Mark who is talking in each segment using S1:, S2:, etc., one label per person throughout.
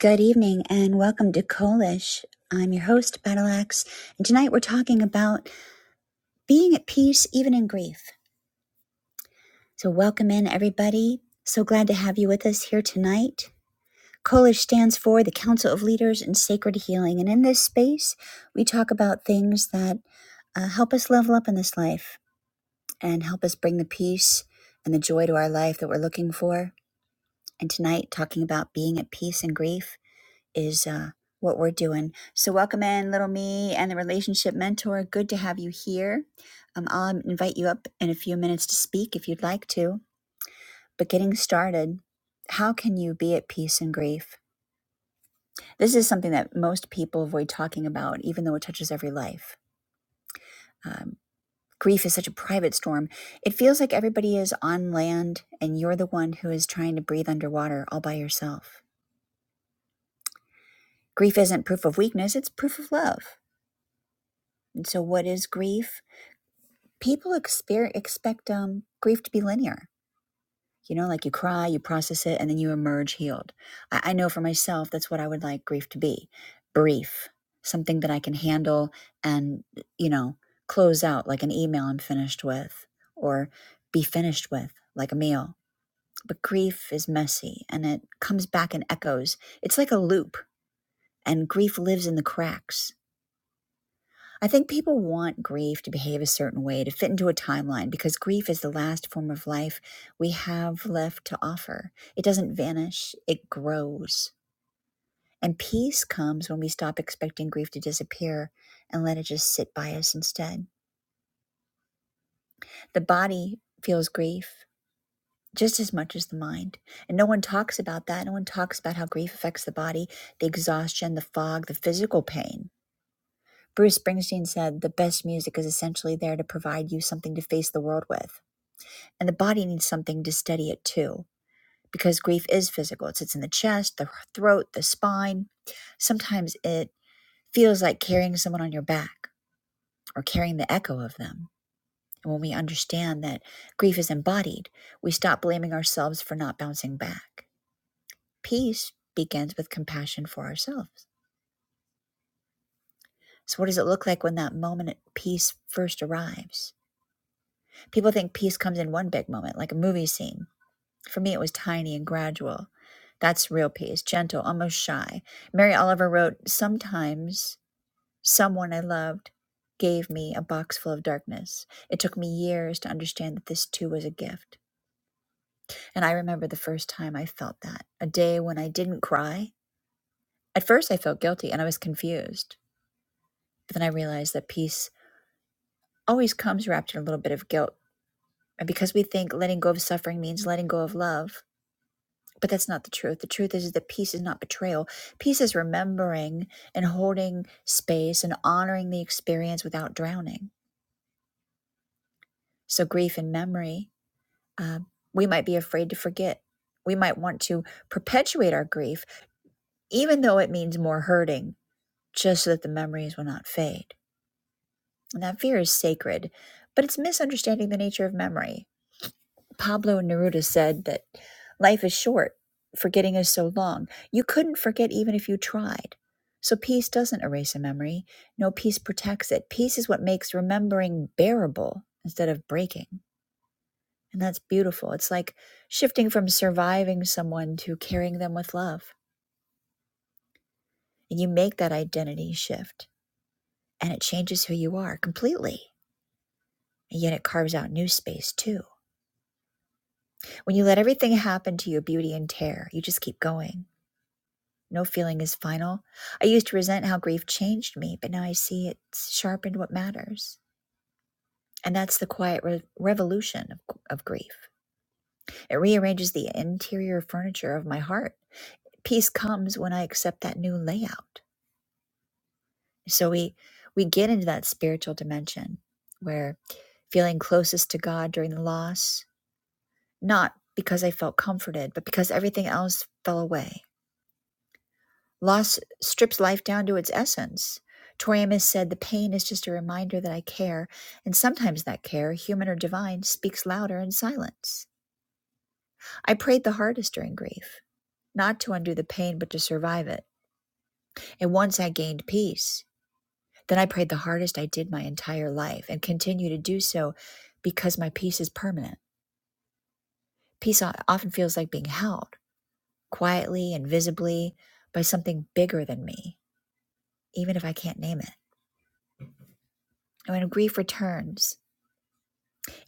S1: Good evening and welcome to Kolish. I'm your host, Battle Axe, and tonight we're talking about being at peace even in grief. So, welcome in everybody. So glad to have you with us here tonight. Kolish stands for the Council of Leaders in Sacred Healing, and in this space, we talk about things that uh, help us level up in this life and help us bring the peace and the joy to our life that we're looking for. And tonight, talking about being at peace in grief. is uh, what we're doing. So, welcome in, little me and the relationship mentor. Good to have you here. Um, I'll invite you up in a few minutes to speak if you'd like to. But getting started, how can you be at peace in grief? This is something that most people avoid talking about, even though it touches every life. Um, grief is such a private storm. It feels like everybody is on land and you're the one who is trying to breathe underwater all by yourself. Grief isn't proof of weakness, it's proof of love. And so, what is grief? people exper- expect um, grief to be linear. You know, like you cry, you process it, and then you emerge healed. I, I know for myself, that's what I would like grief to be brief, something that I can handle and, you know, close out like an email I'm finished with or be finished with, like a meal. But grief is messy and it comes back and echoes. It's like a loop, and grief lives in the cracks I think people want grief to behave a certain way, to fit into a timeline, because grief is the last form of life we have left to offer. It doesn't vanish, it grows. And peace comes when we stop expecting grief to disappear and let it just sit by us instead. The body feels grief just as much as the mind. And no one talks about that. No one talks about how grief affects the body, the exhaustion, the fog, the physical pain. Bruce Springsteen said, The best music is essentially there to provide you something to face the world with. And the body needs something to steady it too, because grief is physical. It sits in the chest, the throat, the spine. Sometimes it feels like carrying someone on your back or carrying the echo of them. And when we understand that grief is embodied, we stop blaming ourselves for not bouncing back. Peace begins with compassion for ourselves. So, what does it look like when that moment of peace first arrives? People think peace comes in one big moment, like a movie scene For me, it was tiny and gradual. That's real peace, gentle, almost shy. Mary Oliver wrote, Sometimes someone I loved gave me a box full of darkness. It took me years to understand that this too was a gift. And I remember the first time I felt that a day when I didn't cry. At first, I felt guilty and I was confused. But then I realized that peace always comes wrapped in a little bit of guilt. And because we think letting go of suffering means letting go of love, But that's not the truth. The truth is that peace is not betrayal. Peace is remembering and holding space and honoring the experience without drowning. So, grief and memory, um, we might be afraid to forget. We might want to perpetuate our grief, even though it means more hurting, just so that the memories will not fade. And that fear is sacred, but it's misunderstanding the nature of memory Pablo Neruda said that life is short, forgetting is so long. You couldn't forget even if you tried. So peace doesn't erase a memory. No, peace protects it. Peace is what makes remembering bearable instead of breaking. And that's beautiful. It's like shifting from surviving someone to carrying them with love. And you make that identity shift, and it changes who you are completely. And yet it carves out new space too. When you let everything happen to you, beauty and tear, you just keep going No feeling is final. I used to resent how grief changed me, but now I see it's sharpened what matters. And that's the quiet re- revolution of, of grief. It rearranges the interior furniture of my heart. Peace comes when I accept that new layout. So we we get into that spiritual dimension where feeling closest to God during the loss, not because I felt comforted, but because everything else fell away Loss strips life down to its essence. Tori Amos said, The pain is just a reminder that I care, and sometimes that care, human or divine, speaks louder in silence. I prayed the hardest during grief, not to undo the pain, but to survive it. And once I gained peace, then I prayed the hardest I did my entire life and continue to do so because my peace is permanent. Peace often feels like being held quietly and visibly by something bigger than me, even if I can't name it. And when grief returns,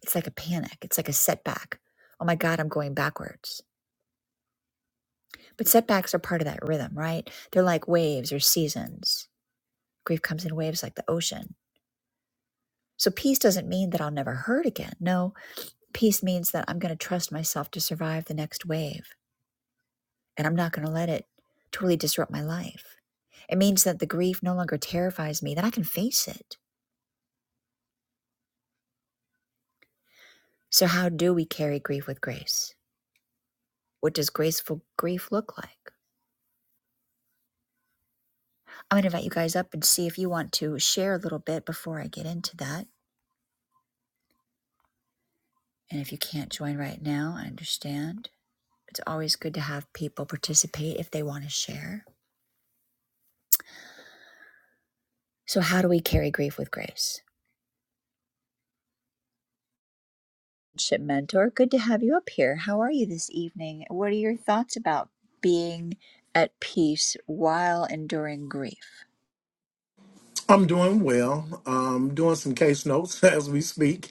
S1: It's like a panic. It's like a setback. Oh my God, I'm going backwards. But setbacks are part of that rhythm, right? They're like waves or seasons. Grief comes in waves like the ocean. So peace doesn't mean that I'll never hurt again. No, peace means that I'm going to trust myself to survive the next wave and I'm not going to let it totally disrupt my life. It means that the grief no longer terrifies me, that I can face it. So, how do we carry grief with grace? What does graceful grief look like? I'm going to invite you guys up and see if you want to share a little bit before I get into that. And if you can't join right now, I understand. It's always good to have people participate if they want to share. So, how do we carry grief with grace? Ship Mentor, good to have you up here. How are you this evening? What are your thoughts about being at peace while enduring grief?
S2: I'm doing well. Um, doing some case notes as we speak,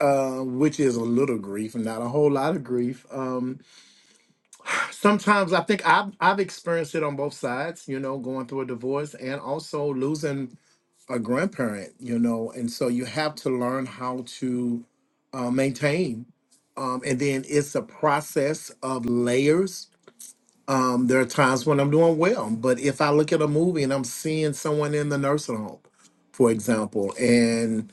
S2: uh, which is a little grief, not a whole lot of grief. Um, sometimes I think I've I've experienced it on both sides. You know, going through a divorce and also losing a grandparent. You know, and so you have to learn how to uh, maintain. Um, and then it's a process of layers. Um, there are times when I'm doing well, but if I look at a movie and I'm seeing someone in the nursing home, for example. and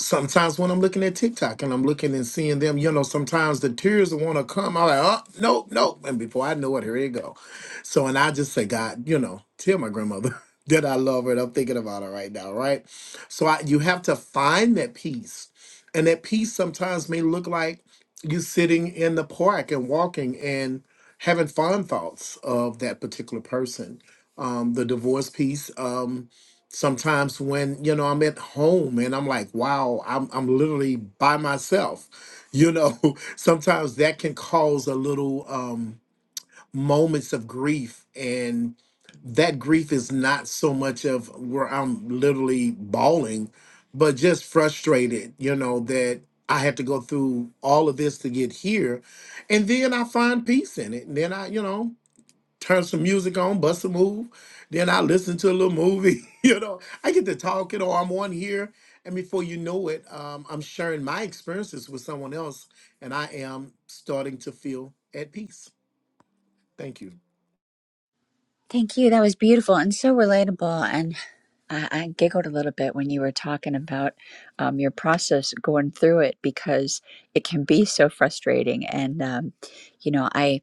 S2: sometimes when I'm looking at TikTok and I'm looking and seeing them, you know, sometimes the tears want to come. I'm like, oh, nope, nope. And before I know it, here you go. So, and I just say, God, you know, tell my grandmother that I love her and I'm thinking about her right now, right? So I, you have to find that peace. And that peace sometimes may look like you sitting in the park and walking and having fond thoughts of that particular person. Um, the divorce piece. Um, sometimes when you know I'm at home and I'm like, wow, I'm I'm literally by myself. You know, sometimes that can cause a little um moments of grief and that grief is not so much of where I'm literally bawling, but just frustrated, you know, that I had to go through all of this to get here. And then I find peace in it. And then I, you know, turn some music on, bust a move. Then I listen to a little movie. you know, I get to talking or I'm on here. And before you know it, um, I'm sharing my experiences with someone else. And I am starting to feel at peace. Thank you.
S1: Thank you. That was beautiful and so relatable. and. I I giggled a little bit when you were talking about um, your process going through it because it can be so frustrating. And um, you know, I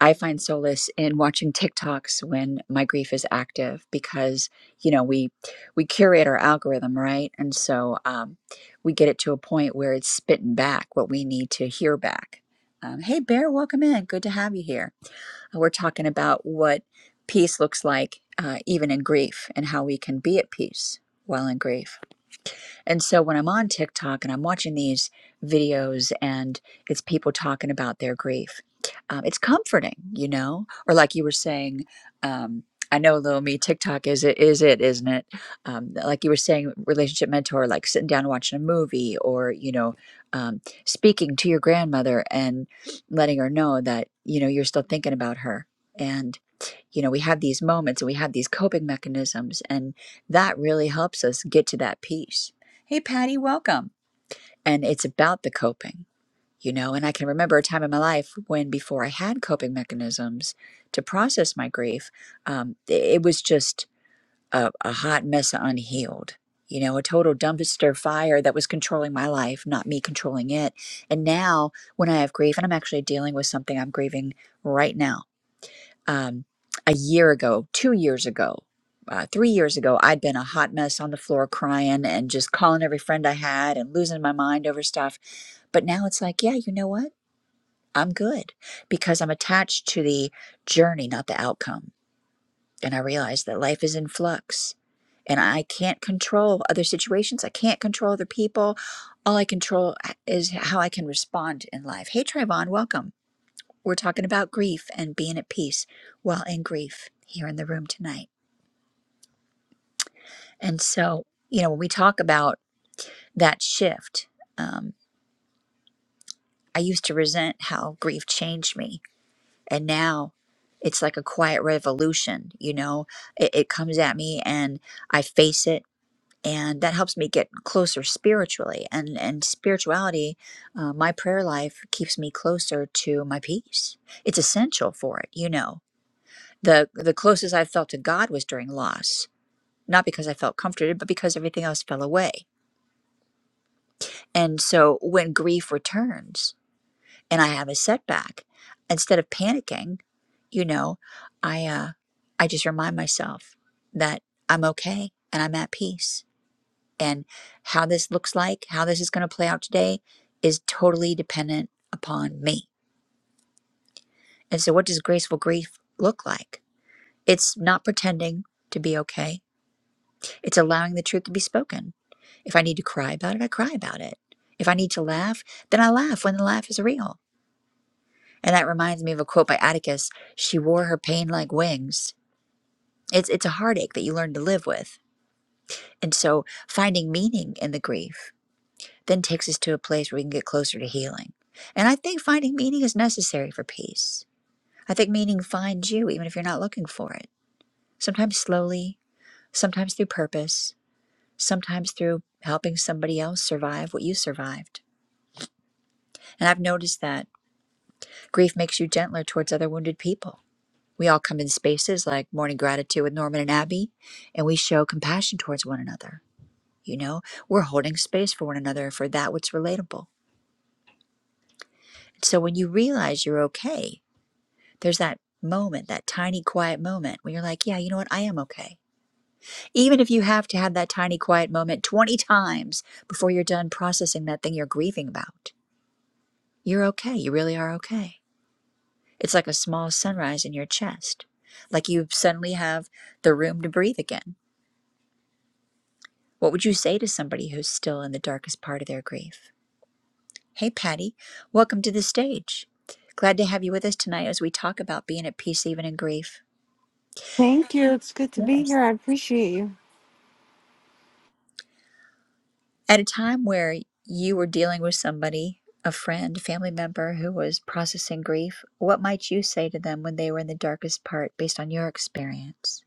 S1: I find solace in watching TikToks when my grief is active because you know we we curate our algorithm, right? And so um, we get it to a point where it's spitting back what we need to hear back. Um, hey, Bear, welcome in. Good to have you here. Uh, We're talking about what peace looks like uh, even in grief and how we can be at peace while in grief. And so when I'm on TikTok and I'm watching these videos and it's people talking about their grief, um, it's comforting, you know? Or like you were saying, um, I know, little me, TikTok is it, is it, isn't it? Um, like you were saying, relationship mentor, like sitting down and watching a movie or, you know, um, speaking to your grandmother and letting her know that, you know, you're still thinking about her. And you know we have these moments and we have these coping mechanisms and that really helps us get to that peace hey patty welcome and it's about the coping you know and i can remember a time in my life when before i had coping mechanisms to process my grief um, it was just a, a hot mess of unhealed you know a total dumpster fire that was controlling my life not me controlling it and now when i have grief and i'm actually dealing with something i'm grieving right now um, a year ago, two years ago, uh, three years ago, I'd been a hot mess on the floor crying and just calling every friend I had and losing my mind over stuff. But now it's like, yeah, you know what? I'm good because I'm attached to the journey, not the outcome. And I realize that life is in flux and I can't control other situations. I can't control other people. All I control uh, is how I can respond in life. Hey, Trayvon, welcome. We're talking about grief and being at peace while in grief here in the room tonight. And so, you know, when we talk about that shift, um, I used to resent how grief changed me. And now it's like a quiet revolution, you know, it, it comes at me and I face it. And that helps me get closer spiritually. And, and spirituality, uh, my prayer life keeps me closer to my peace. It's essential for it, you know the the closest I felt to God was during loss, not because I felt comforted, but because everything else fell away. And so when grief returns and I have a setback, instead of panicking, you know, I uh, I just remind myself that I'm okay and I'm at peace. And how this looks like, how this is going to play out today, is totally dependent upon me. And so, what does graceful grief look like? It's not pretending to be okay It's allowing the truth to be spoken. If I need to cry about it, I cry about it. If I need to laugh, then I laugh when the laugh is real. And that reminds me of a quote by Atticus She wore her pain like wings. It's, it's a heartache that you learn to live with. And so finding meaning in the grief then takes us to a place where we can get closer to healing. And I think finding meaning is necessary for peace. I think meaning finds you even if you're not looking for it, sometimes slowly, sometimes through purpose, sometimes through helping somebody else survive what you survived. And I've noticed that grief makes you gentler towards other wounded people. We all come in spaces like Morning Gratitude with Norman and Abby, and we show compassion towards one another. You know, we're holding space for one another for that what's relatable. So when you realize you're okay, there's that moment, that tiny quiet moment when you're like, yeah, you know what? I am okay. Even if you have to have that tiny quiet moment 20 times before you're done processing that thing you're grieving about You're okay. You really are okay. It's like a small sunrise in your chest, like you suddenly have the room to breathe again. What would you say to somebody who's still in the darkest part of their grief? Hey, Patty, welcome to the stage. Glad to have you with us tonight as we talk about being at peace even in grief.
S3: Thank you. It's good to be
S1: Yes.
S3: here. I appreciate you.
S1: At a time where you were dealing with somebody, a friend, family member who was processing grief, what might you say to them when they were in the darkest part based on your experience?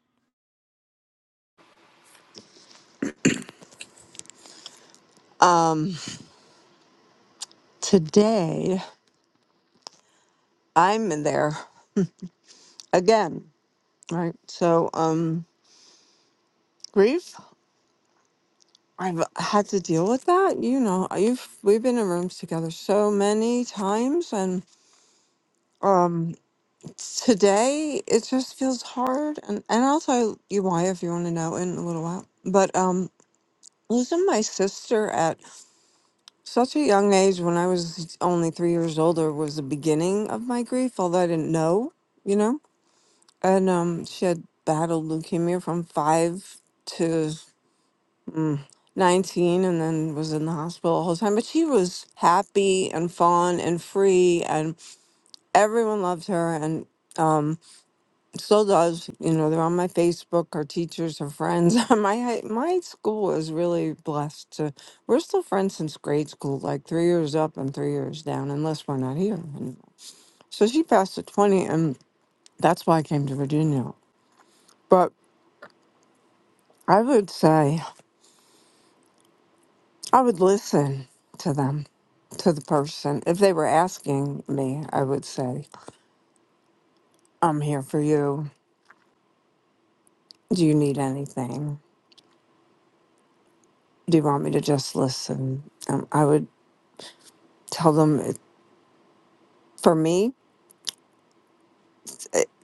S3: Um, today I'm in there again, right? So, um, grief. I've had to deal with that. You know, you've we've been in rooms together so many times, and um, today it just feels hard. And and I'll tell you why if you want to know in a little while. But um, losing my sister at. Such a young age, when I was only three years older, was the beginning of my grief, although I didn't know, you know? And um, she had battled leukemia from five to mm, 19 and then was in the hospital the whole time. But she was happy and fun and free, and everyone loved her. And um, still does. You know, they're on my Facebook. Our teachers are friends. my high- my school is really blessed. To, we're still friends since grade school, like three years up and three years down, unless we're not here. And so she passed at twenty, and that's why I came to Virginia. But I would say I would listen to them, to the person if they were asking me. I would say, "I'm here for you. Do you need anything? Do you want me to just listen?" Um, I would tell them. It, for me,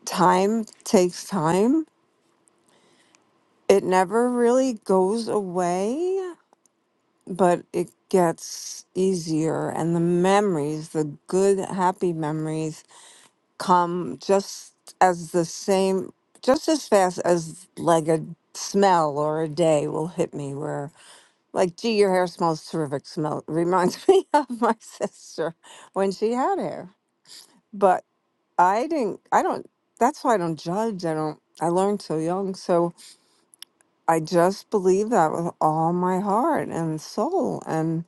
S3: time takes time. It never really goes away, but it gets easier. And the memories, the good, happy memories, come just as the same, just as fast as like a smell or a day will hit me where like gee your hair smells terrific smell reminds me of my sister when she had hair but i didn't i don't that's why i don't judge i don't i learned so young so I just believe that with all my heart and soul. And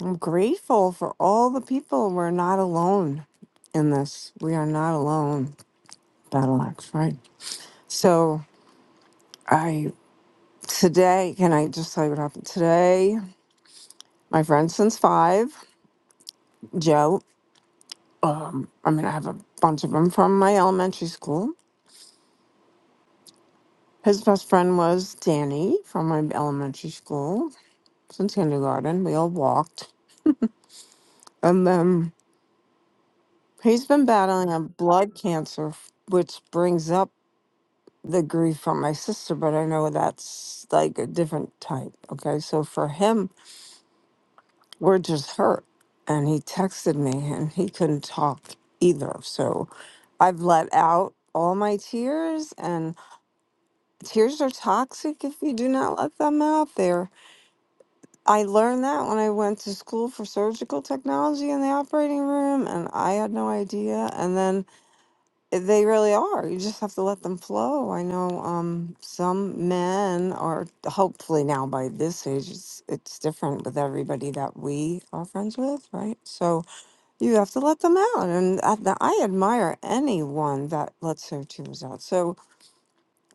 S3: I'm grateful for all the people. We're not alone in this. We are not alone, Battle Axe, right? So I today, can I just tell you what happened today? My friend since five, Joe. Um, I mean, I have a bunch of them from my elementary school. His best friend was Danny from my elementary school since kindergarten. We all walked, and then He's been battling a blood cancer, f- which brings up the grief for my sister, but I know that's like a different type. Okay. So for him, we're just hurt. And he texted me and he couldn't talk either. So I've let out all my tears, and tears are toxic if you do not let them out there. I learned that when I went to school for surgical technology in the operating room, and I had no idea. And then They really are. You just have to let them flow. I know um, some men are, hopefully now by this age, it's, it's different with everybody that we are friends with, right? So you have to let them out. And I, I admire anyone that lets their tears out. So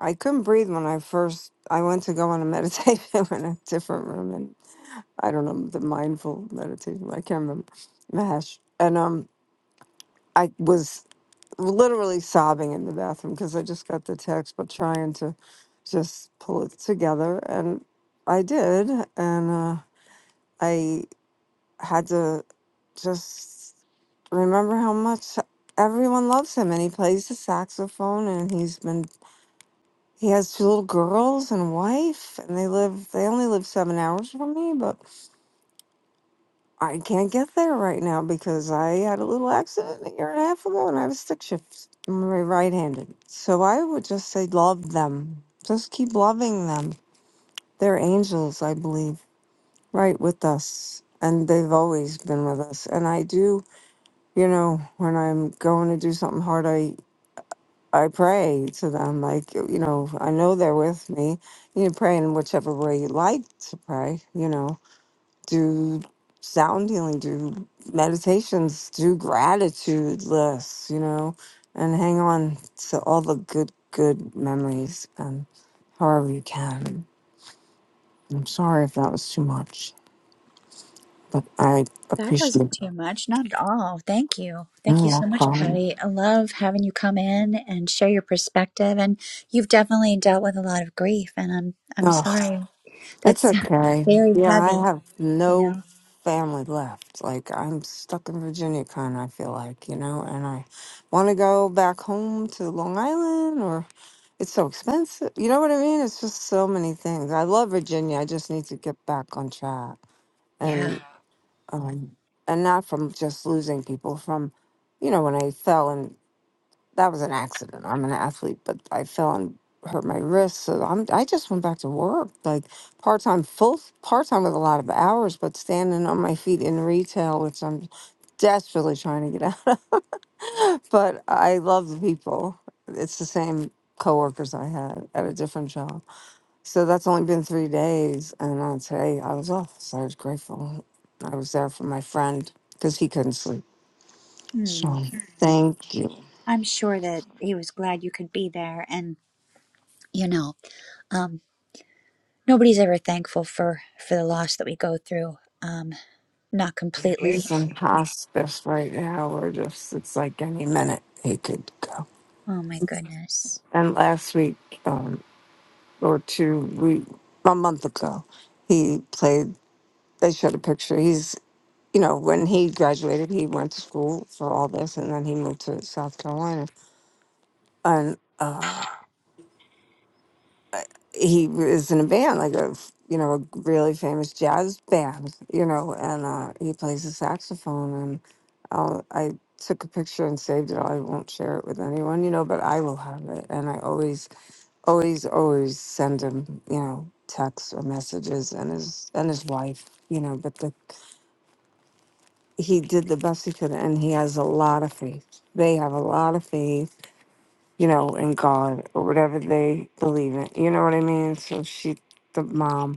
S3: I couldn't breathe when I first, I went to go on a meditation in a different room. And I don't know, the mindful meditation, I can't remember, Mahesh. And um, I was literally sobbing in the bathroom because I just got the text, but trying to just pull it together. And I did. And uh, I had to just remember how much everyone loves him. And he plays the saxophone, and he's been, he has two little girls and a wife, and they live, they only live seven hours from me, but. I can't get there right now because I had a little accident a year and a half ago and I have a stick shift. I'm ri- right-handed. So I would just say love them. Just keep loving them. They're angels, I believe, right with us. And they've always been with us. And I do, you know, when I'm going to do something hard, I I pray to them like, you know, I know they're with me. You know, pray in whichever way you like to pray, you know do sound healing, do meditations, do gratitude lists, you know, and hang on to all the good, good memories and however you can. I'm sorry if that was too much, but I
S1: That wasn't
S3: appreciate
S1: too much, not at all. Thank you. Thank
S3: You're
S1: you so much,
S3: welcome.
S1: Patty. I love having you come in and share your perspective. And you've definitely dealt with a lot of grief, and I'm I'm sorry.
S3: It's
S1: That's
S3: okay.
S1: very
S3: Yeah, I
S1: heavy,
S3: have
S1: you
S3: no
S1: know?
S3: family left. Like I'm stuck in Virginia kind of, I feel like, you know, and I want to go back home to Long Island or it's so expensive. You know what I mean? It's just so many things. I love Virginia. I just need to get back on track
S1: Yeah.
S3: and um and not from just losing people from you know when I fell and that was an accident. I'm an athlete, but I fell and hurt my wrist. So I'm I just went back to work, like part time, full part time with a lot of hours, but standing on my feet in retail, which I'm desperately trying to get out of. But I love the people. It's the same coworkers I had at a different job. So that's only been three days, and on today I was off, so I was grateful. I was there for my friend because he couldn't sleep.
S1: Hmm.
S3: So thank you.
S1: I'm sure that he was glad you could be there. And, you know, um, nobody's ever thankful for, for the loss that we go through. Um, not
S3: Yeah,
S1: completely.
S3: he's in hospice right now. We're just, it's like any minute he could go.
S1: Oh, my goodness.
S3: And last week, um, or two, we, a month ago, he played, they showed a picture. He's, you know, when he graduated, he went to school for all this and then he moved to South Carolina. And, uh, he was in a band, like a f- you know a really famous jazz band, you know, and uh, he plays the saxophone. And I'll, I took a picture and saved it. I won't share it with anyone, you know, but I will have it. And I always, always, always send him, you know, texts or messages, and his and his wife, you know. But the he did the best he could, and he has a lot of faith. They have a lot of faith, you know, in God or whatever they believe in. You know what I mean? So she, the mom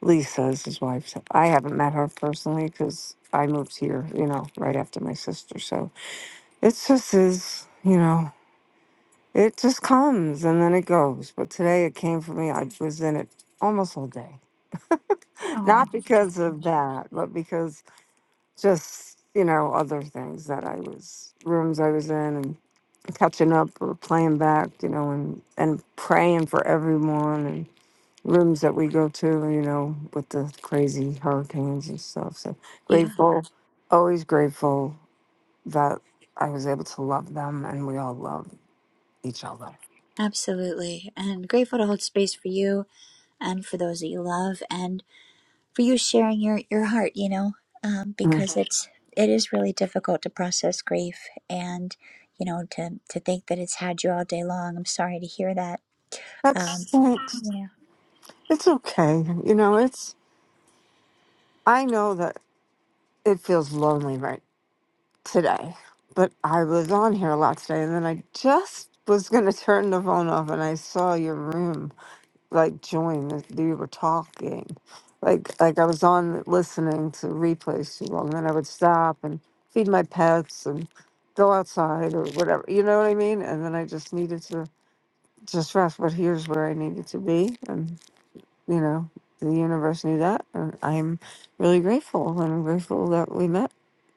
S3: Lisa is his wife. So I haven't met her personally because I moved here, you know, right after my sister. So it's just is, you know, it just comes and then it goes. But today it came for me. I was in it almost all day.
S1: Oh,
S3: Not because of that, but because just, you know, other things that I was, rooms I was in and catching up or playing back, you know, and, and praying for everyone rooms that we go to, you know, with the crazy hurricanes and stuff. So
S1: yeah,
S3: grateful, always grateful that I was able to love them and we all love each other.
S1: absolutely. And grateful to hold space for you and for those that you love and for you sharing your your heart you know um,
S3: Mm.
S1: because it's it is really difficult to process grief and you know to to think that it's had you all day long i'm sorry to hear that
S3: That
S1: um
S3: stinks.
S1: yeah
S3: It's okay. You know, it's, I know that it feels lonely right today, but I was on here a lot today and then I just was going to turn the phone off and I saw your room like join as we were talking. Like like I was on listening to replays too long, then I would stop and feed my pets and go outside or whatever. You know what I mean? And then I just needed to just rest. But here's where I needed to be, and you know the universe knew that, and I'm really grateful. And I'm grateful that we met.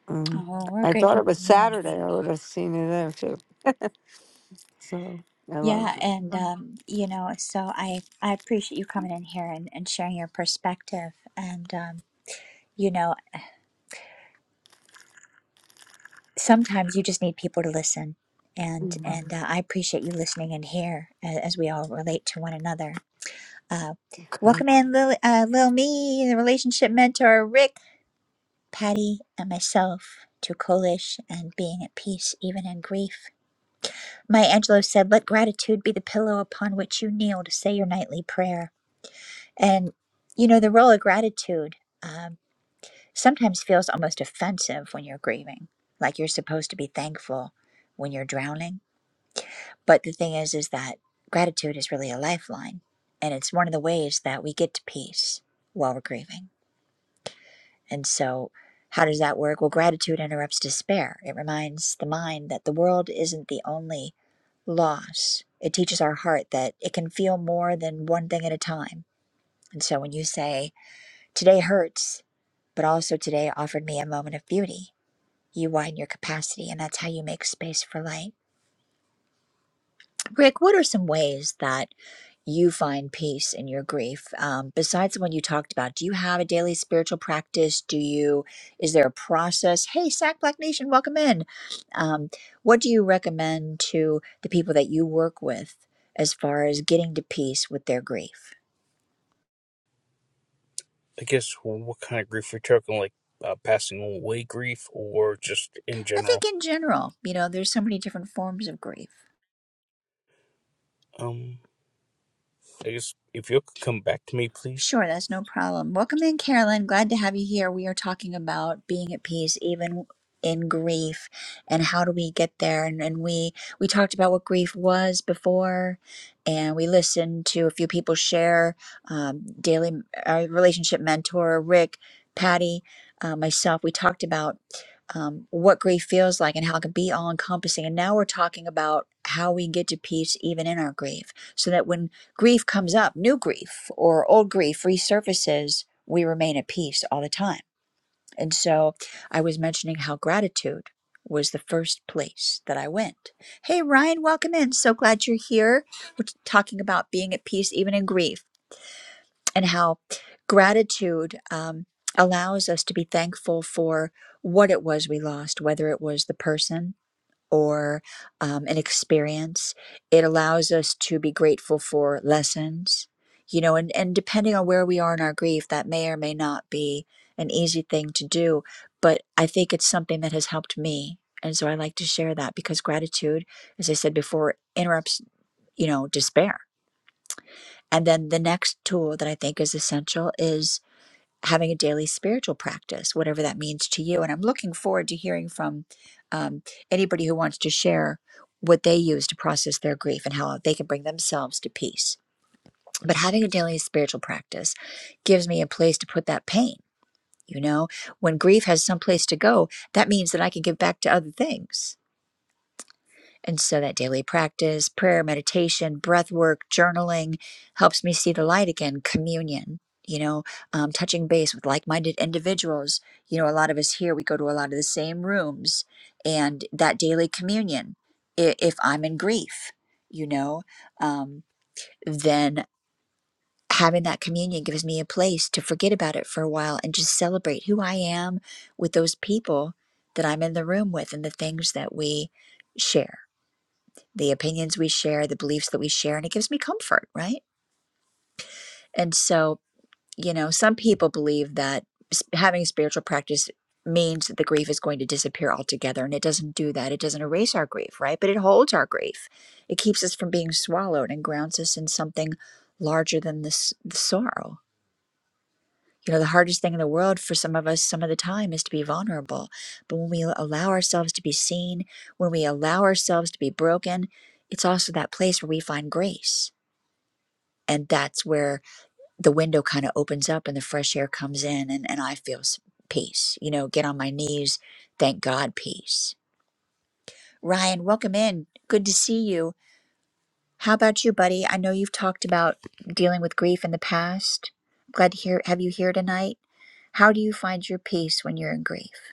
S3: Um,
S1: oh well, we're
S3: I thought
S1: grateful
S3: it was
S1: for you
S3: Saturday. I would have seen you there too. So I love
S1: yeah
S3: you.
S1: and um you know so i i appreciate you coming in here and, and sharing your perspective and um you know sometimes you just need people to listen and
S3: Mhm.
S1: and uh, i appreciate you listening in here as, as we all relate to one another Uh,
S3: Okay.
S1: welcome in, Lil, uh, Lil Me, the relationship mentor, Rick, Patty, and myself to Kolish and being at peace even in grief. Maya Angelou said, Let gratitude be the pillow upon which you kneel to say your nightly prayer. And, you know, the role of gratitude um, sometimes feels almost offensive when you're grieving, like you're supposed to be thankful when you're drowning. But the thing is, is that gratitude is really a lifeline. And it's one of the ways that we get to peace while we're grieving. And so, how does that work? Well, gratitude interrupts despair. It reminds the mind that the world isn't the only loss. It teaches our heart that it can feel more than one thing at a time. And so, when you say, Today hurts, but also today offered me a moment of beauty, you widen your capacity, and that's how you make space for light. Rick, what are some ways that you find peace in your grief um, besides the one you talked about do you have a daily spiritual practice do you is there a process hey sac black nation welcome in um, what do you recommend to the people that you work with as far as getting to peace with their grief
S4: I guess what kind of grief we are talking, like uh, passing away grief or just in
S1: i think
S4: general?
S1: in general you know there's so many different forms of grief
S4: Um, I guess if you could come back to me, please.
S1: Sure, that's no problem. Welcome in, Carolyn. Glad to have you here. We are talking about being at peace even in grief and how do we get there and, and we we talked about what grief was before and we listened to a few people share um, daily our relationship mentor rick patty uh, myself we talked about um, what grief feels like and how it can be all encompassing and now we're talking about how we get to peace even in our grief so that when grief comes up, new grief or old grief resurfaces, we remain at peace all the time. And so I was mentioning how gratitude was the first place that I went. Hey, Ryan, welcome in. So glad you're here. We're talking about being at peace even in grief and how gratitude um, allows us to be thankful for what it was we lost, whether it was the person or um, an experience. It allows us to be grateful for lessons, you know, and, and depending on where we are in our grief, that may or may not be an easy thing to do. But I think it's something that has helped me. And so I like to share that because gratitude, as I said before, interrupts, you know, despair. And then the next tool that I think is essential is having a daily spiritual practice, whatever that means to you. And I'm looking forward to hearing from um, anybody who wants to share what they use to process their grief and how they can bring themselves to peace. But having a daily spiritual practice gives me a place to put that pain. You know, when grief has some place to go, that means that I can give back to other things and so that daily practice, prayer, meditation, breath work, journaling helps me see the light again, communion, you know, um, touching base with like minded individuals. You know, a lot of us here, we go to a lot of the same rooms and that daily communion. i- If I'm in grief, you know, um, then having that communion gives me a place to forget about it for a while and just celebrate who I am with those people that I'm in the room with and the things that we share the opinions we share, the beliefs that we share, and it gives me comfort, right? And so, you know, some people believe that having a spiritual practice means that the grief is going to disappear altogether, and it doesn't do that. It doesn't erase our grief, right? But it holds our grief. It keeps us from being swallowed and grounds us in something larger than this the sorrow. You know, the hardest thing in the world for some of us, some of the time, is to be vulnerable. But when we allow ourselves to be seen, when we allow ourselves to be broken, it's also that place where we find grace and that's where the window kind of opens up and the fresh air comes in and, and i feel s- peace you know get on my knees thank god peace ryan welcome in good to see you how about you buddy i know you've talked about dealing with grief in the past glad to hear have you here tonight how do you find your peace when you're in grief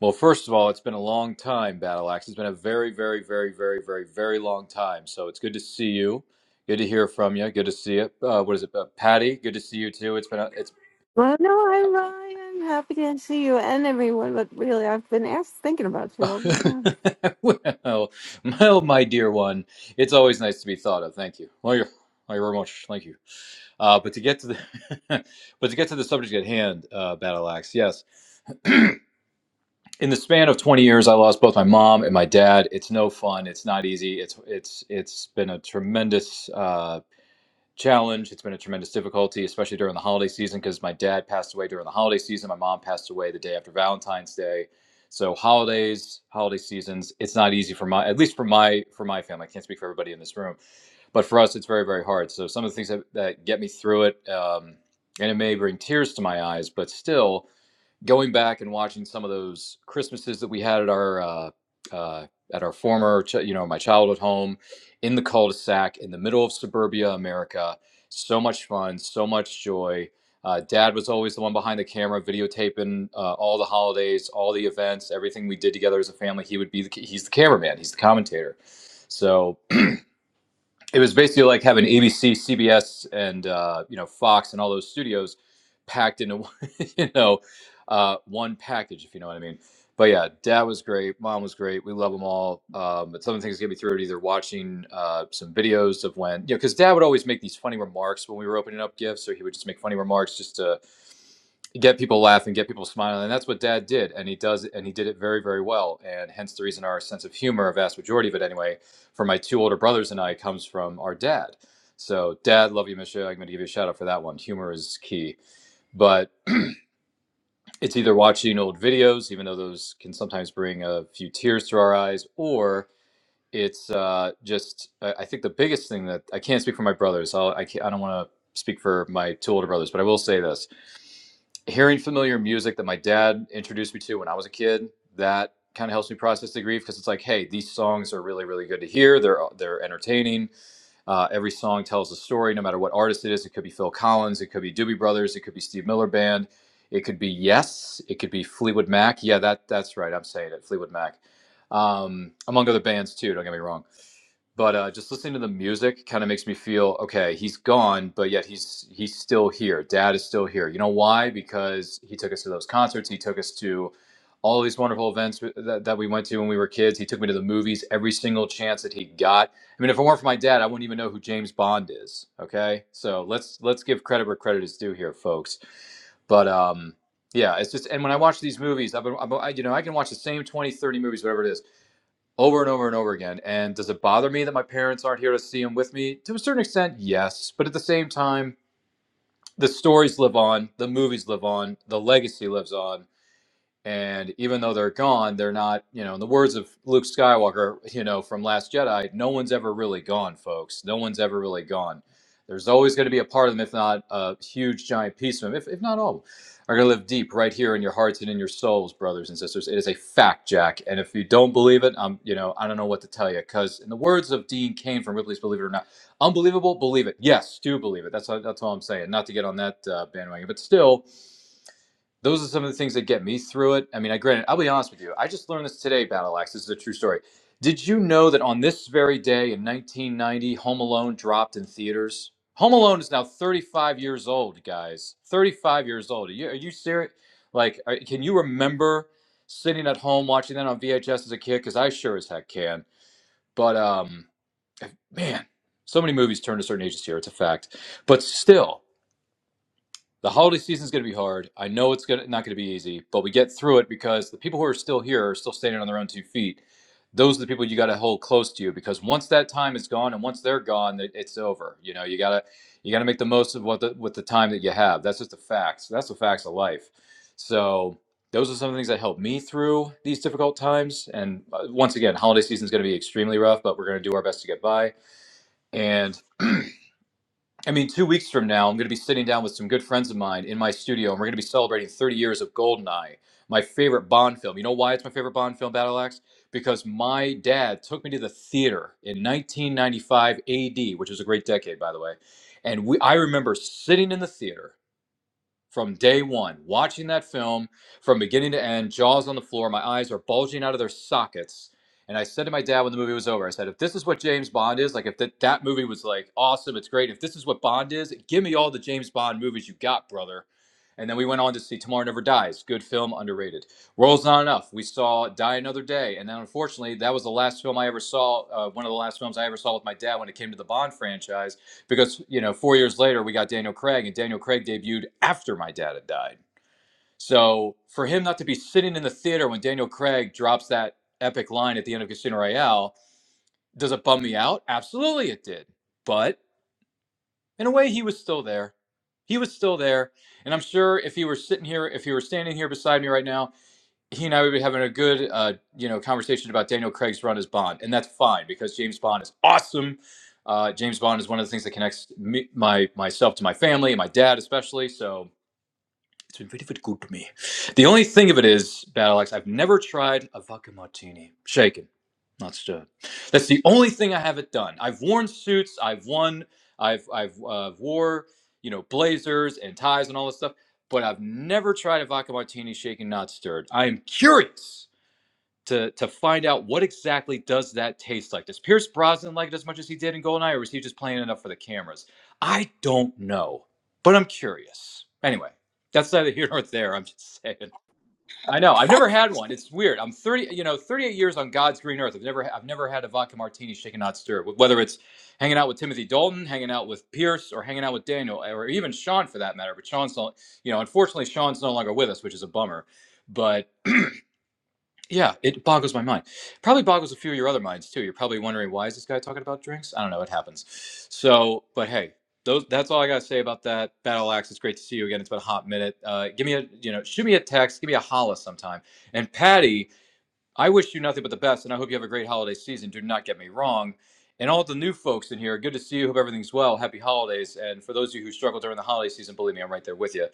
S5: Well, first of all, it's been a long time, Battle Axe. It's been a very, very, very, very, very, very long time. So it's good to see you. Good to hear from you. Good to see it. Uh, what is it, uh, Patty? Good to see you too. It's been a, it's
S3: Well, no, I'm, I'm happy to see you and everyone, but really, I've been asked, thinking about you all the time.
S5: well, well, my dear one. It's always nice to be thought of. Thank you. Well, you're, well, you very much. Thank you. Uh, but to get to the but to get to the subject at hand, uh, Battle Axe. Yes. in the span of 20 years i lost both my mom and my dad it's no fun it's not easy it's it's it's been a tremendous uh, challenge it's been a tremendous difficulty especially during the holiday season because my dad passed away during the holiday season my mom passed away the day after valentine's day so holidays holiday seasons it's not easy for my at least for my for my family i can't speak for everybody in this room but for us it's very very hard so some of the things that, that get me through it um, and it may bring tears to my eyes but still going back and watching some of those Christmases that we had at our uh, uh, at our former, you know, my childhood home in the cul-de-sac in the middle of suburbia America. So much fun, so much joy. Uh, Dad was always the one behind the camera, videotaping uh, all the holidays, all the events, everything we did together as a family. He would be the he's the cameraman, he's the commentator. So it was basically like having ABC, CBS, and uh, you know Fox and all those studios packed into one- you know uh, one package, if you know what I mean. But yeah, Dad was great, Mom was great. We love them all. Um, but some of the things that get me through it either watching uh, some videos of when you know because Dad would always make these funny remarks when we were opening up gifts, so he would just make funny remarks just to get people laughing, get people smiling, and that's what Dad did, and he does, and he did it very, very well, and hence the reason our sense of humor, a vast majority of it anyway, for my two older brothers and I comes from our dad. So, Dad, love you, Misha. I'm going to give you a shout out for that one. Humor is key. But it's either watching old videos, even though those can sometimes bring a few tears to our eyes, or it's uh, just, I I think the biggest thing that I can't speak for my brothers. I'll, I, can't, I don't want to speak for my two older brothers, but I will say this hearing familiar music that my dad introduced me to when I was a kid, that kind of helps me process the grief because it's like, hey, these songs are really, really good to hear. They're they're entertaining uh, every song tells a story, no matter what artist it is. It could be Phil Collins, it could be Doobie Brothers, it could be Steve Miller Band, it could be Yes, it could be Fleetwood Mac. Yeah, that that's right. I'm saying it, Fleetwood Mac, um, among other bands too. Don't get me wrong. But uh, just listening to the music kind of makes me feel okay. He's gone, but yet he's he's still here. Dad is still here. You know why? Because he took us to those concerts. He took us to all these wonderful events that, that we went to when we were kids. He took me to the movies every single chance that he got I mean, if it weren't for my dad, I wouldn't even know who James Bond is. Okay, so let's let's give credit where credit is due here, folks. But um, yeah, it's just and when I watch these movies, I've been, I've been- I, you know I can watch the same 20, 30 movies, whatever it is, over and over and over again. And does it bother me that my parents aren't here to see them with me? To a certain extent, yes. But at the same time, the stories live on, the movies live on, the legacy lives on and even though they're gone, they're not, you know, in the words of Luke Skywalker, you know, from Last Jedi, no one's ever really gone, folks. No one's ever really gone. There's always going to be a part of them, if not a huge, giant piece of them, if, if not all of them, are going to live deep right here in your hearts and in your souls, brothers and sisters. It is a fact, Jack. And if you don't believe it, I'm, you know, I don't know what to tell you. Because in the words of Dean Cain from Ripley's Believe It or Not, unbelievable, believe it. Yes, do believe it. That's, all- that's all I'm saying. Not to get on that uh, bandwagon, but still those are some of the things that get me through it. I mean, I granted, I'll be honest with you. I just learned this today, Battle Axe. This is a true story. Did you know that on this very day in 1990, Home Alone dropped in theaters? Home Alone is now 35 years old, guys. 35 years old. Are you, are you serious? Like, are, can you remember sitting at home watching that on VHS as a kid? Because I sure as heck can. But um, man, so many movies turn to certain ages here. It's a fact. But still, the holiday season is going to be hard. I know it's gonna, not going to be easy, but we get through it because the people who are still here are still standing on their own two feet. Those are the people you got to hold close to you because once that time is gone and once they're gone, it- it's over. You know, you gotta you gotta make the most of what the with the time that you have. That's just the facts. That's the facts of life. So those are some of the things that helped me through these difficult times. And uh, once again, holiday season is going to be extremely rough, but we're going to do our best to get by. And I mean, two weeks from now, I'm going to be sitting down with some good friends of mine in my studio, and we're going to be celebrating 30 years of Goldeneye, my favorite Bond film. You know why it's my favorite Bond film, Battle Axe? Because my dad took me to the theater in 1995 AD, which is a great decade, by the way. And we, I remember sitting in the theater from day one, watching that film from beginning to end, jaws on the floor, my eyes are bulging out of their sockets. And I said to my dad when the movie was over, I said, if this is what James Bond is, like if that that movie was like awesome, it's great. If this is what Bond is, give me all the James Bond movies you got, brother. And then we went on to see Tomorrow Never Dies. Good film, underrated. World's Not Enough. We saw Die Another Day. And then unfortunately, that was the last film I ever saw, uh, one of the last films I ever saw with my dad when it came to the Bond franchise because you know four years later we got daniel craig and daniel craig debuted after my dad had died so for him not to be sitting in the theater when daniel craig drops that epic line at the end of casino royale does it bum me out absolutely it did but in a way he was still there he was still there and i'm sure if he were sitting here if he were standing here beside me right now he and I would be having a good, uh, you know, conversation about Daniel Craig's run as Bond, and that's fine because James Bond is awesome. Uh, James Bond is one of the things that connects me, my myself to my family and my dad especially. So it's been very, very good to me. The only thing of it is, Battle Axe, I've never tried a vodka martini. Shaken, not stirred. That's the only thing I haven't done. I've worn suits. I've won. I've I've uh, wore you know blazers and ties and all this stuff, but I've never tried a vodka martini shaken, not stirred. I am curious to to find out what exactly does that taste like. Does Pierce Brosnan like it as much as he did in Goldeneye, or is he just playing it up for the cameras? I don't know, but I'm curious. Anyway, that's neither here nor there. I'm just saying. I know I've never had one. It's weird. I'm 30, you know, 38 years on God's green earth. I've never I've never had a vodka martini shaken not stirred. Whether it's hanging out with Timothy Dalton, hanging out with Pierce, or hanging out with Daniel, or even Sean for that matter. But Sean's, not. you know, unfortunately Sean's no longer with us, which is a bummer. But yeah, it boggles my mind. Probably boggles a few of your other minds too. You're probably wondering why is this guy talking about drinks? I don't know. It happens. So, but hey, those that's all I gotta say about that. Battle Axe, it's great to see you again. It's been a hot minute. Uh, give me a you know, shoot me a text, give me a holla sometime. And Patty I wish you nothing but the best, and I hope you have a great holiday season. Do not get me wrong. And all the new folks in here, good to see you. Hope everything's well. Happy holidays. And for those of you who struggle during the holiday season, believe me, I'm right there with you.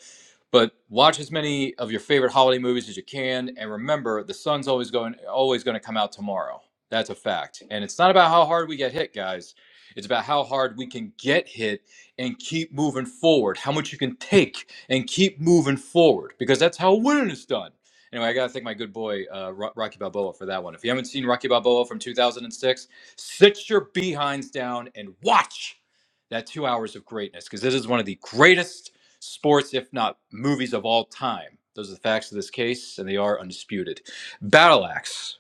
S5: But watch as many of your favorite holiday movies as you can, and remember, the sun's always going always going to come out tomorrow. That's a fact. And it's not about how hard we get hit, guys. It's about how hard we can get hit and keep moving forward. How much you can take and keep moving forward, because that's how winning is done. Anyway, I gotta thank my good boy uh, Rocky Balboa for that one. If you haven't seen Rocky Balboa from 2006, sit your behinds down and watch that two hours of greatness because this is one of the greatest sports, if not movies, of all time. Those are the facts of this case, and they are undisputed. Battle Axe,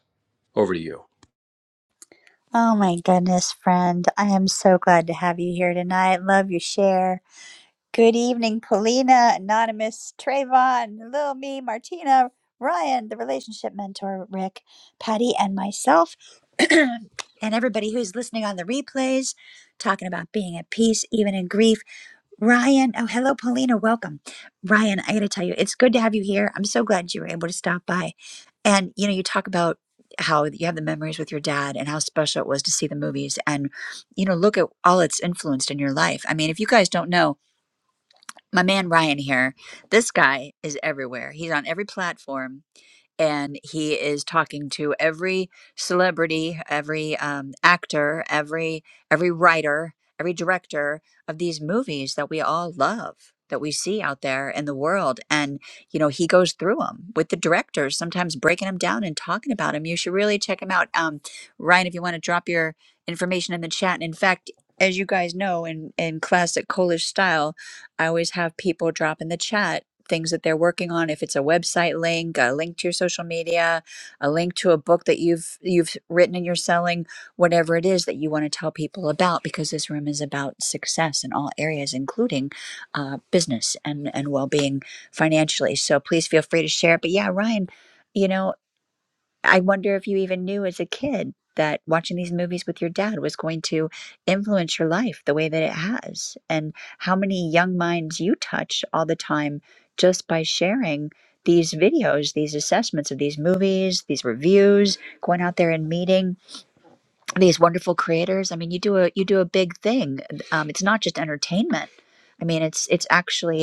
S5: over to you.
S1: Oh my goodness, friend. I am so glad to have you here tonight. Love your share. Good evening, Paulina, Anonymous, Trayvon, Lil Me, Martina, Ryan, the relationship mentor, Rick, Patty, and myself, and everybody who's listening on the replays, talking about being at peace, even in grief. Ryan, oh, hello, Paulina, welcome. Ryan, I gotta tell you, it's good to have you here. I'm so glad you were able to stop by. And, you know, you talk about how you have the memories with your dad and how special it was to see the movies and, you know, look at all it's influenced in your life. I mean, if you guys don't know, my man Ryan here, this guy is everywhere. He's on every platform and he is talking to every celebrity, every um, actor, every every writer, every director of these movies that we all love that we see out there in the world and you know he goes through them with the directors sometimes breaking them down and talking about them you should really check him out um, ryan if you want to drop your information in the chat and in fact as you guys know in in classic polish style i always have people drop in the chat things that they're working on if it's a website link a link to your social media a link to a book that you've you've written and you're selling whatever it is that you want to tell people about because this room is about success in all areas including uh, business and and well-being financially so please feel free to share but yeah ryan you know I wonder if you even knew as a kid that watching these movies with your dad was going to influence your life the way that it has, and how many young minds you touch all the time just by sharing these videos, these assessments of these movies, these reviews, going out there and meeting these wonderful creators. I mean, you do a you do a big thing. Um, it's not just entertainment. I mean, it's it's actually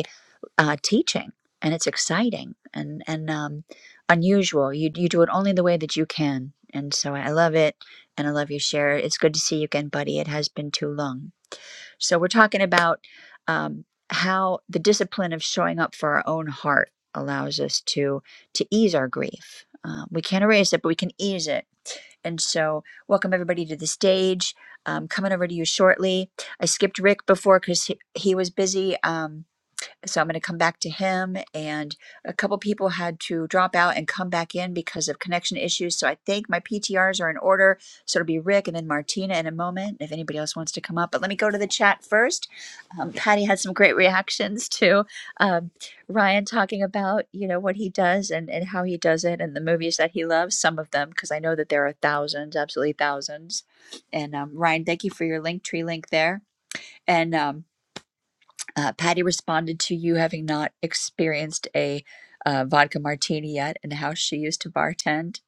S1: uh, teaching and it's exciting and and um, unusual you, you do it only the way that you can and so i love it and i love your share it's good to see you again buddy it has been too long so we're talking about um, how the discipline of showing up for our own heart allows us to to ease our grief um, we can't erase it but we can ease it and so, welcome everybody to the stage. Um, coming over to you shortly. I skipped Rick before because he, he was busy. Um, so I'm going to come back to him. And a couple people had to drop out and come back in because of connection issues. So I think my PTRs are in order. So it'll be Rick and then Martina in a moment if anybody else wants to come up. But let me go to the chat first. Um, Patty had some great reactions to um, Ryan talking about you know what he does and and how he does it and the movies that he loves. Some of them because I know that there are thousands, absolutely thousands. And um, Ryan, thank you for your link tree link there. And um, uh, Patty responded to you having not experienced a uh, vodka martini yet and how she used to bartend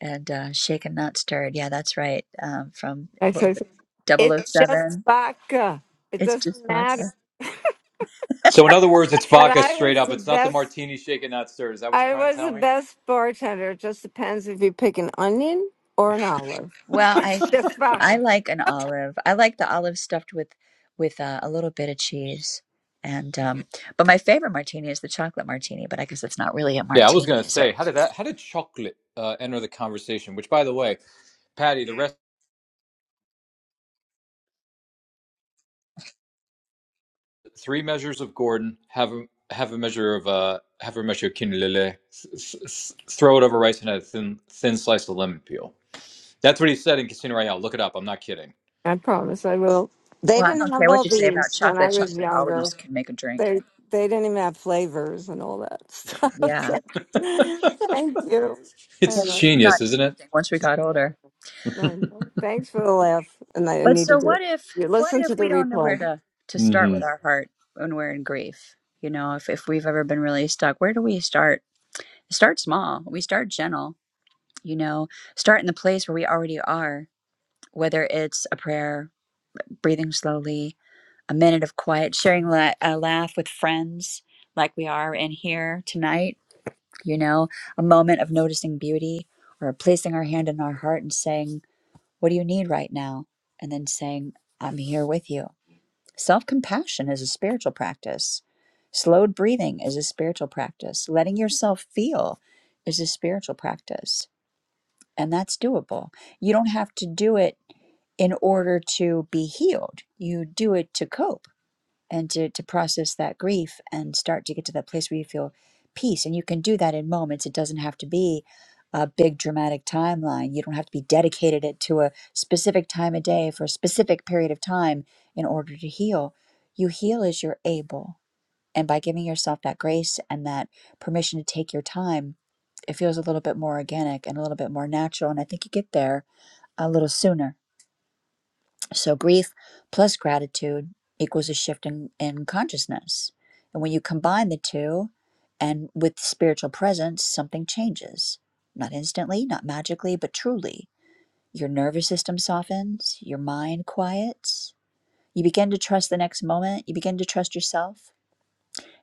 S1: and uh, shaken, not stirred. Yeah, that's right. Um, from
S3: I
S1: what was
S3: said,
S1: it, double oh
S3: it's just
S1: 007.
S3: vodka. It
S1: It's just
S3: doesn't matter.
S1: vodka.
S5: So, in other words, it's
S3: But
S5: vodka
S3: I
S5: straight
S3: was
S5: up.
S3: the
S5: It's not the
S3: best.
S5: martini shaken, not stirred. Is that what you're
S3: I
S5: trying to
S3: was the
S5: tell me?
S3: best bartender. It just depends if you pick an onion or an olive.
S1: Well, I
S3: It's just
S1: I
S3: vodka.
S1: like an olive. I like the olive stuffed with with uh, a little bit of cheese. And um, but my favorite martini is the chocolate martini. But I guess it's not really a
S5: Yeah, I was
S1: martini,
S5: gonna
S1: is it?
S5: say, how did that? How did chocolate uh, enter the conversation? Which, by the way, Patty, the rest. three measures of Gordon, have a, have a measure of uh, have a measure of quinolele, s- s- throw it over rice and a thin thin slice of lemon peel. That's what he said in Casino Royale. Look it up. I'm not kidding.
S3: I promise I will. They
S1: Well, I
S3: didn't
S1: don't
S3: have
S1: care
S3: all
S1: what you say about
S3: these when I
S1: chocolate.
S3: was
S1: Chocolate
S3: younger.
S1: always can make a drink.
S3: They they didn't even have flavors and all that stuff.
S1: Yeah.
S3: So, thank you. I
S1: Yeah,
S5: It's
S3: love
S1: drinking
S5: genius,
S1: got
S5: isn't
S1: interesting
S5: it?
S1: once we got
S3: it.
S1: older.
S3: I know. Thanks for the laugh. And I
S1: But so
S3: needed to do
S1: what
S3: it.
S1: if
S3: You
S1: what
S3: listen
S1: if
S3: to the
S1: we don't know where
S3: replay.
S1: to to start
S5: hmm
S1: with our heart when we're in grief? You know, if if we've ever been really stuck, where do we start? Start small. We start gentle, you know, start in the place where we already are, whether it's a prayer, breathing slowly, a minute of quiet, sharing la- a laugh with friends like we are in here tonight, you know, a moment of noticing beauty or placing our hand in our heart and saying What do you need right now? And then saying, I'm here with you. Self compassion is a spiritual practice. Slowed breathing is a spiritual practice. Letting yourself feel is a spiritual practice. And that's doable. You don't have to do it in order to be healed, you do it to cope and to, to process that grief and start to get to that place where you feel peace. And you can do that in moments. It doesn't have to be a big dramatic timeline. You don't have to be dedicated it to a specific time of day for a specific period of time in order to heal. You heal as you're able. And by giving yourself that grace and that permission to take your time, it feels a little bit more organic and a little bit more natural. And I think you get there a little sooner so, grief plus gratitude equals a shift in, in consciousness. And when you combine the two and with spiritual presence, something changes. Not instantly, not magically, but truly. Your nervous system softens, your mind quiets. You begin to trust the next moment, you begin to trust yourself.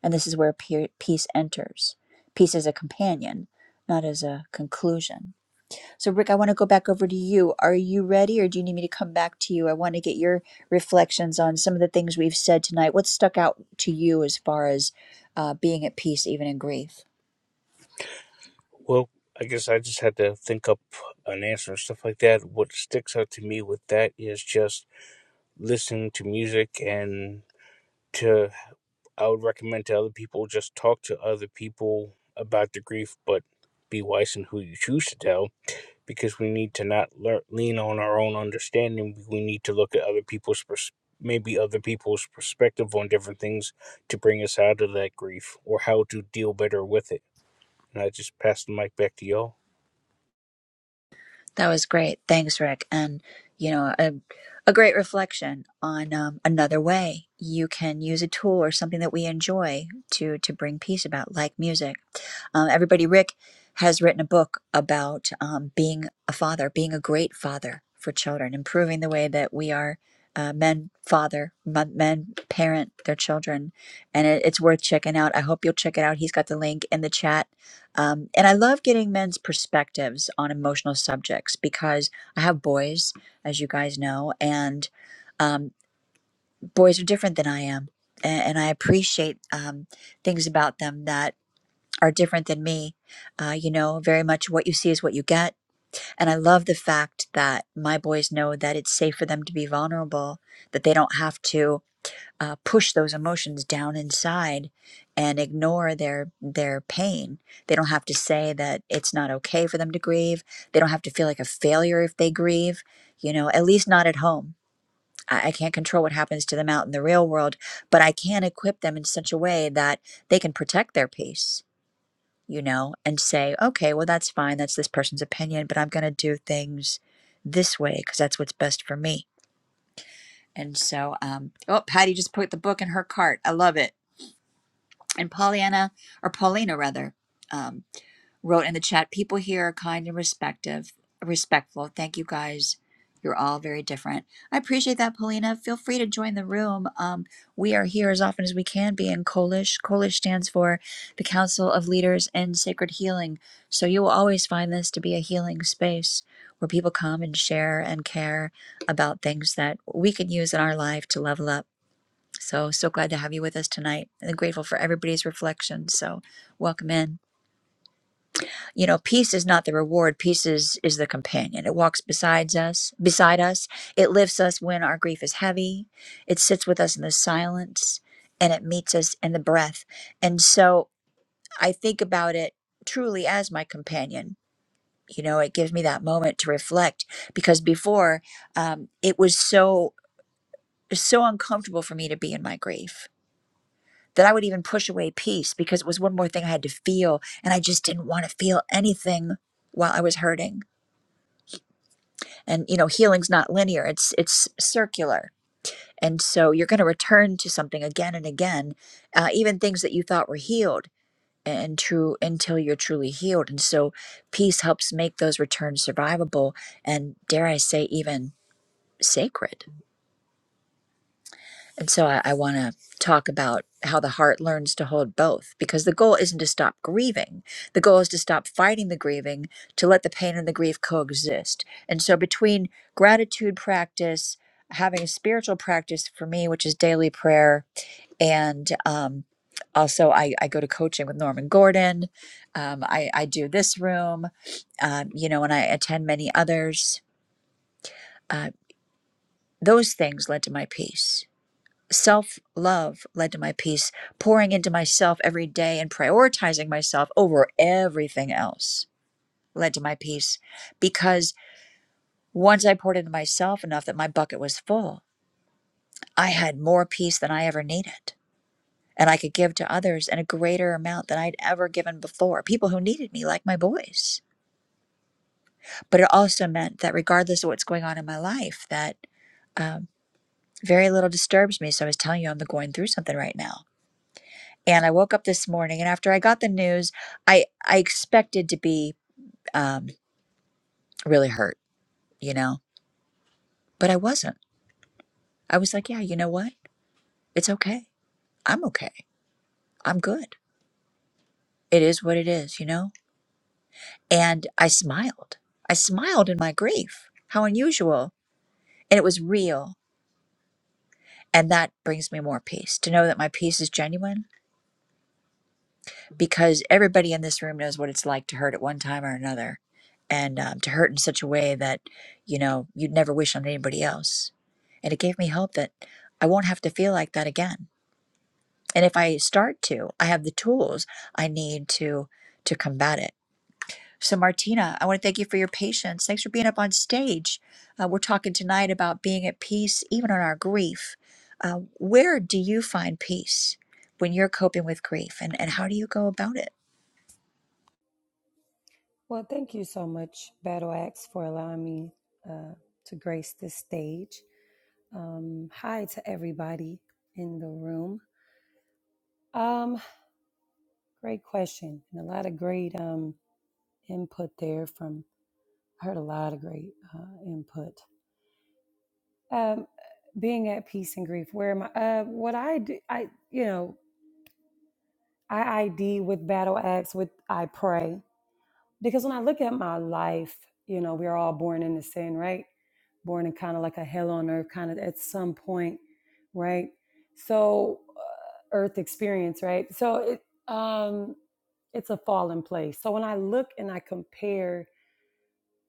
S1: And this is where pe- peace enters. Peace as a companion, not as a conclusion. So, Rick, I want to go back over to you. Are you ready, or do you need me to come back to you? I want to get your reflections on some of the things we've said tonight. What stuck out to you as far as uh, being at peace, even in grief?
S4: Well, I guess I just had to think up an answer and stuff like that. What sticks out to me with that is just listening to music and to, I would recommend to other people, just talk to other people about the grief, but be wise in who you choose to tell because we need to not lear- lean on our own understanding. We need to look at other people's pers- maybe other people's perspective on different things to bring us out of that grief or how to deal better with it. And I just pass the mic back to y'all.
S1: That was great. Thanks, Rick. And, you know, a, a great reflection on um, another way you can use a tool or something that we enjoy to, to bring peace about, like music Um, everybody, Rick has written a book about um, being a father, being a great father for children, improving the way that we are uh, men, father, mon- men, parent their children. And it, it's worth checking out. I hope you'll check it out. He's got the link in the chat. Um, and I love getting men's perspectives on emotional subjects because I have boys, as you guys know, and um, boys are different than I am. a- And I appreciate um, things about them that are different than me. Uh, you know, very much what you see is what you get. And I love the fact that my boys know that it's safe for them to be vulnerable, that they don't have to uh, push those emotions down inside and ignore their their pain. They don't have to say that it's not okay for them to grieve. They don't have to feel like a failure if they grieve. You know, at least not at home. I, I can't control what happens to them out in the real world, but I can equip them in such a way that they can protect their peace you know, and say, okay, well, that's fine. That's this person's opinion, but I'm going to do things this way because that's what's best for me. And so, um, oh, Patty just put the book in her cart. I love it. And Pollyanna, or Paulina rather, um, wrote in the chat people here are kind and respective respectful thank you guys you're all very different i appreciate that paulina feel free to join the room um, we are here as often as we can be in kolish kolish stands for the council of leaders in sacred healing so you will always find this to be a healing space where people come and share and care about things that we can use in our life to level up so so glad to have you with us tonight and grateful for everybody's reflections so welcome in you know peace is not the reward peace is is the companion it walks besides us beside us it lifts us when our grief is heavy it sits with us in the silence and it meets us in the breath and so i think about it truly as my companion you know it gives me that moment to reflect because before um, it was so so uncomfortable for me to be in my grief that i would even push away peace because it was one more thing i had to feel and i just didn't want to feel anything while i was hurting and you know healing's not linear it's it's circular and so you're going to return to something again and again uh, even things that you thought were healed and true until you're truly healed and so peace helps make those returns survivable and dare i say even sacred And so I, I want to talk about how the heart learns to hold both because the goal isn't to stop grieving. The goal is to stop fighting the grieving, to let the pain and the grief coexist. And so between gratitude practice, having a spiritual practice for me, which is daily prayer, and um, also I, I go to coaching with Norman Gordon. Um, I, I do this room, um, you know, and I attend many others. Uh, those things led to my peace Self love led to my peace, pouring into myself every day and prioritizing myself over everything else led to my peace because once I poured into myself enough that my bucket was full, I had more peace than I ever needed. And I could give to others in a greater amount than I'd ever given before, people who needed me, like my boys. But it also meant that regardless of what's going on in my life, that um, very little disturbs me. So I was telling you, I'm going through something right now and I woke up this morning and after I got the news, I I expected to be um really hurt, you know, but I wasn't. I was like, yeah, you know what? It's okay. I'm okay. I'm good. It is what it is, you know? And I smiled. I smiled in my grief. How unusual. And it was real. And that brings me more peace to know that my peace is genuine because everybody in this room knows what it's like to hurt at one time or another and um, to hurt in such a way that you know you'd never wish on anybody else and it gave me hope that i won't have to feel like that again and if i start to i have the tools i need to to combat it so martina i want to thank you for your patience thanks for being up on stage uh, we're talking tonight about being at peace even on our grief uh, where do you find peace when you're coping with grief and, and how do you go about it
S6: Well, thank you so much, Battle Axe, for allowing me uh, to grace this stage. Um, hi to everybody in the room. Um, great question and a lot of great um, input there. From I heard a lot of great uh, input. Um, being at peace and grief. Where am I? Uh, what I do, I you know, I ID with Battle Axe. With I pray. Because when I look at my life, you know, we're all born into sin, right? Born in kind of like a hell on earth, kind of at some point, right? So, uh, earth experience, right? So, it, um, it's a fallen place. So when I look and I compare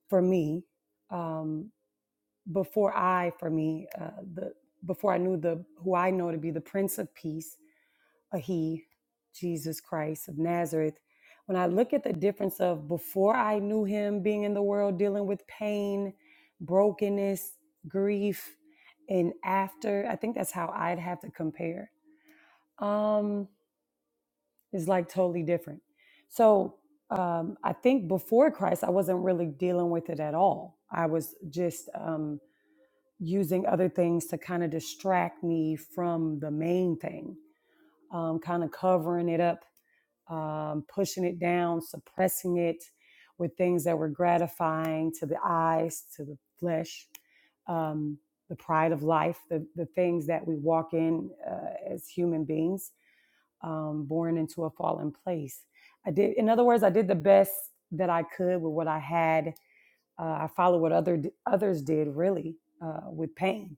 S6: for me, um, before I for me uh, the before I knew the who I know to be the Prince of Peace, a he, Jesus Christ of Nazareth. When I look at the difference of before I knew him being in the world dealing with pain, brokenness, grief, and after, I think that's how I'd have to compare. Um, it's like totally different. So um, I think before Christ, I wasn't really dealing with it at all. I was just um, using other things to kind of distract me from the main thing, um, kind of covering it up um, pushing it down, suppressing it with things that were gratifying to the eyes, to the flesh, um, the pride of life, the, the things that we walk in uh, as human beings, um, born into a fallen place. I did, in other words, I did the best that I could with what I had. Uh, I followed what other others did, really, uh, with pain,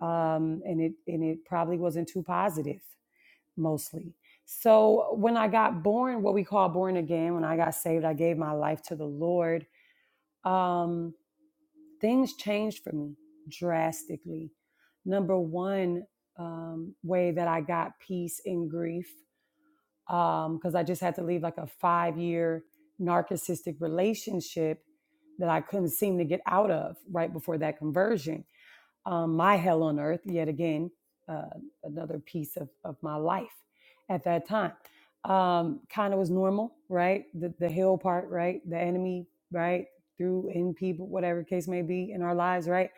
S6: um, and it and it probably wasn't too positive mostly. So when I got born, what we call born again, when I got saved, I gave my life to the Lord. Um, things changed for me drastically. Number one um, way that I got peace in grief, because um, I just had to leave like a five year narcissistic relationship that I couldn't seem to get out of right before that conversion um, my hell on earth yet again uh, another piece of, of my life at that time um, kind of was normal right the, the hell part right the enemy right through in people whatever case may be in our lives right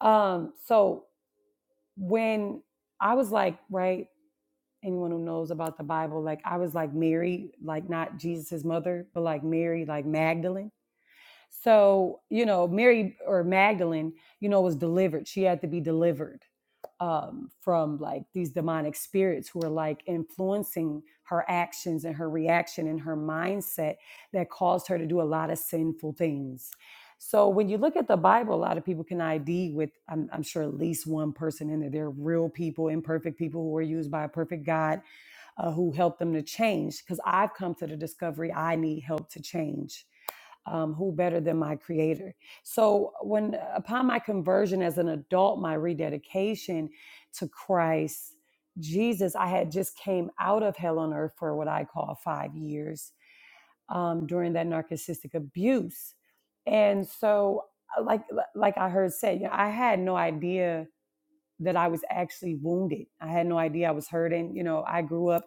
S6: um, so when i was like right anyone who knows about the bible like i was like mary like not Jesus's mother but like mary like magdalene so you know mary or magdalene you know was delivered she had to be delivered um, from like these demonic spirits who are like influencing her actions and her reaction and her mindset that caused her to do a lot of sinful things. So when you look at the Bible, a lot of people can ID with, I'm, I'm sure, at least one person in there. They're real people, imperfect people who were used by a perfect God uh, who helped them to change. Because I've come to the discovery I need help to change um, who better than my creator so when upon my conversion as an adult my rededication to christ jesus i had just came out of hell on earth for what i call five years um, during that narcissistic abuse and so uh, like like i heard said you know, i had no idea that i was actually wounded i had no idea i was hurting you know i grew up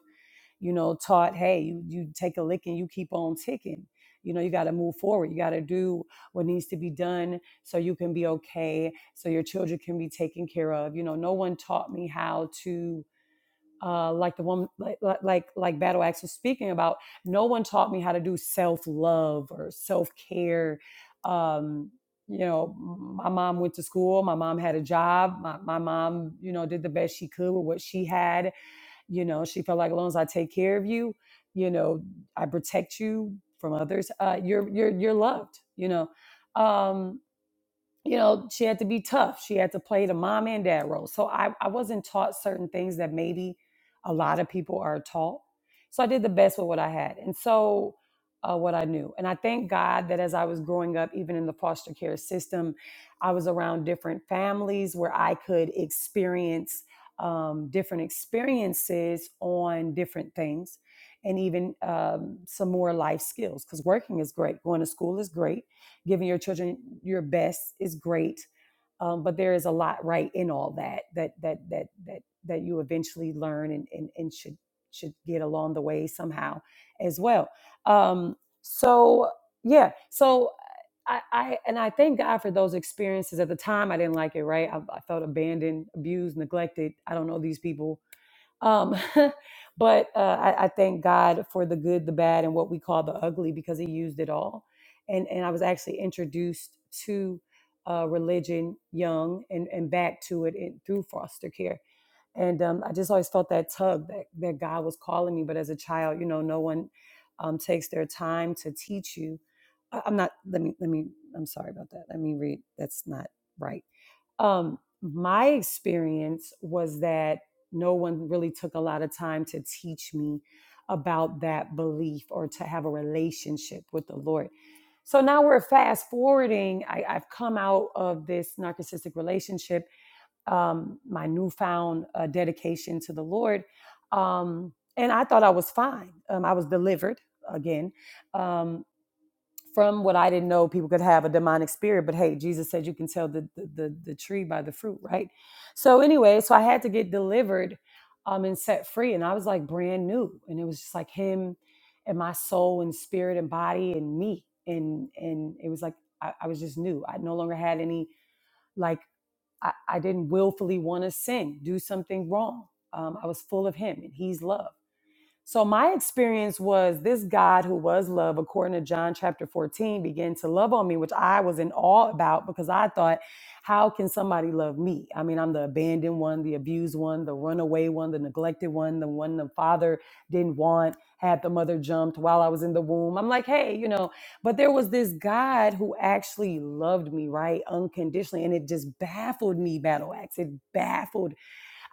S6: you know, taught, hey, you, you take a licking, you keep on ticking. You know, you got to move forward. You got to do what needs to be done so you can be okay, so your children can be taken care of. You know, no one taught me how to, uh, like the woman, like like like like Battle Axe was speaking about. No one taught me how to do self love or self care. Um, you know, my mom went to school. My mom had a job. My, my mom, you know, did the best she could with what she had you know, she felt like as long as I take care of you, you know, I protect you from others, uh, you're you're you're loved. You know, um, you know, she had to be tough. She had to play the mom and dad role. So I, I wasn't taught certain things that maybe a lot of people are taught. So I did the best with what I had. And so uh, what I knew. And I thank God that as I was growing up, even in the foster care system, I was around different families where I could experience um, different experiences on different things and even um, some more life skills. Because working is great, going to school is great giving your children your best is great um, but there is a lot right in all that that that that that that you eventually learn and and, and should should get along the way somehow as well um, so yeah so I, I and I thank God for those experiences. At the time, I didn't like it. Right, I, I felt abandoned, abused, neglected. I don't know these people um, but uh, I, I thank God for the good, the bad, and what we call the ugly because He used it all. And and I was actually introduced to uh, religion young and and back to it in, through foster care. And um, I just always felt that tug that that God was calling me. But as a child, you know, no one um, takes their time to teach you. I, I'm not. Let me. Let me. I'm sorry about that. Let me read. That's not right um, my experience was that no one really took a lot of time to teach me about that belief or to have a relationship with the Lord. So now we're fast forwarding. I, I've come out of this narcissistic relationship, um, my newfound uh, dedication to the Lord. Um, and I thought I was fine. Um, I was delivered again. Um, from what I didn't know, people could have a demonic spirit. But hey, Jesus said you can tell the the, the, the tree by the fruit, right? So anyway, so I had to get delivered um, and set free, and I was like brand new, and it was just like Him and my soul and spirit and body and me, and and it was like I, I was just new. I no longer had any like I, I didn't willfully want to sin, do something wrong. Um, I was full of Him, and He's love. So my experience was this God who was love, according to John chapter 14, began to love on me, which I was in awe about because I thought, how can somebody love me? I mean, I'm the abandoned one, the abused one, the runaway one, the neglected one, the one the father didn't want, had the mother jumped while I was in the womb. I'm like, hey, you know, but there was this God who actually loved me, right? Unconditionally. And it just baffled me, Battle Axe. It baffled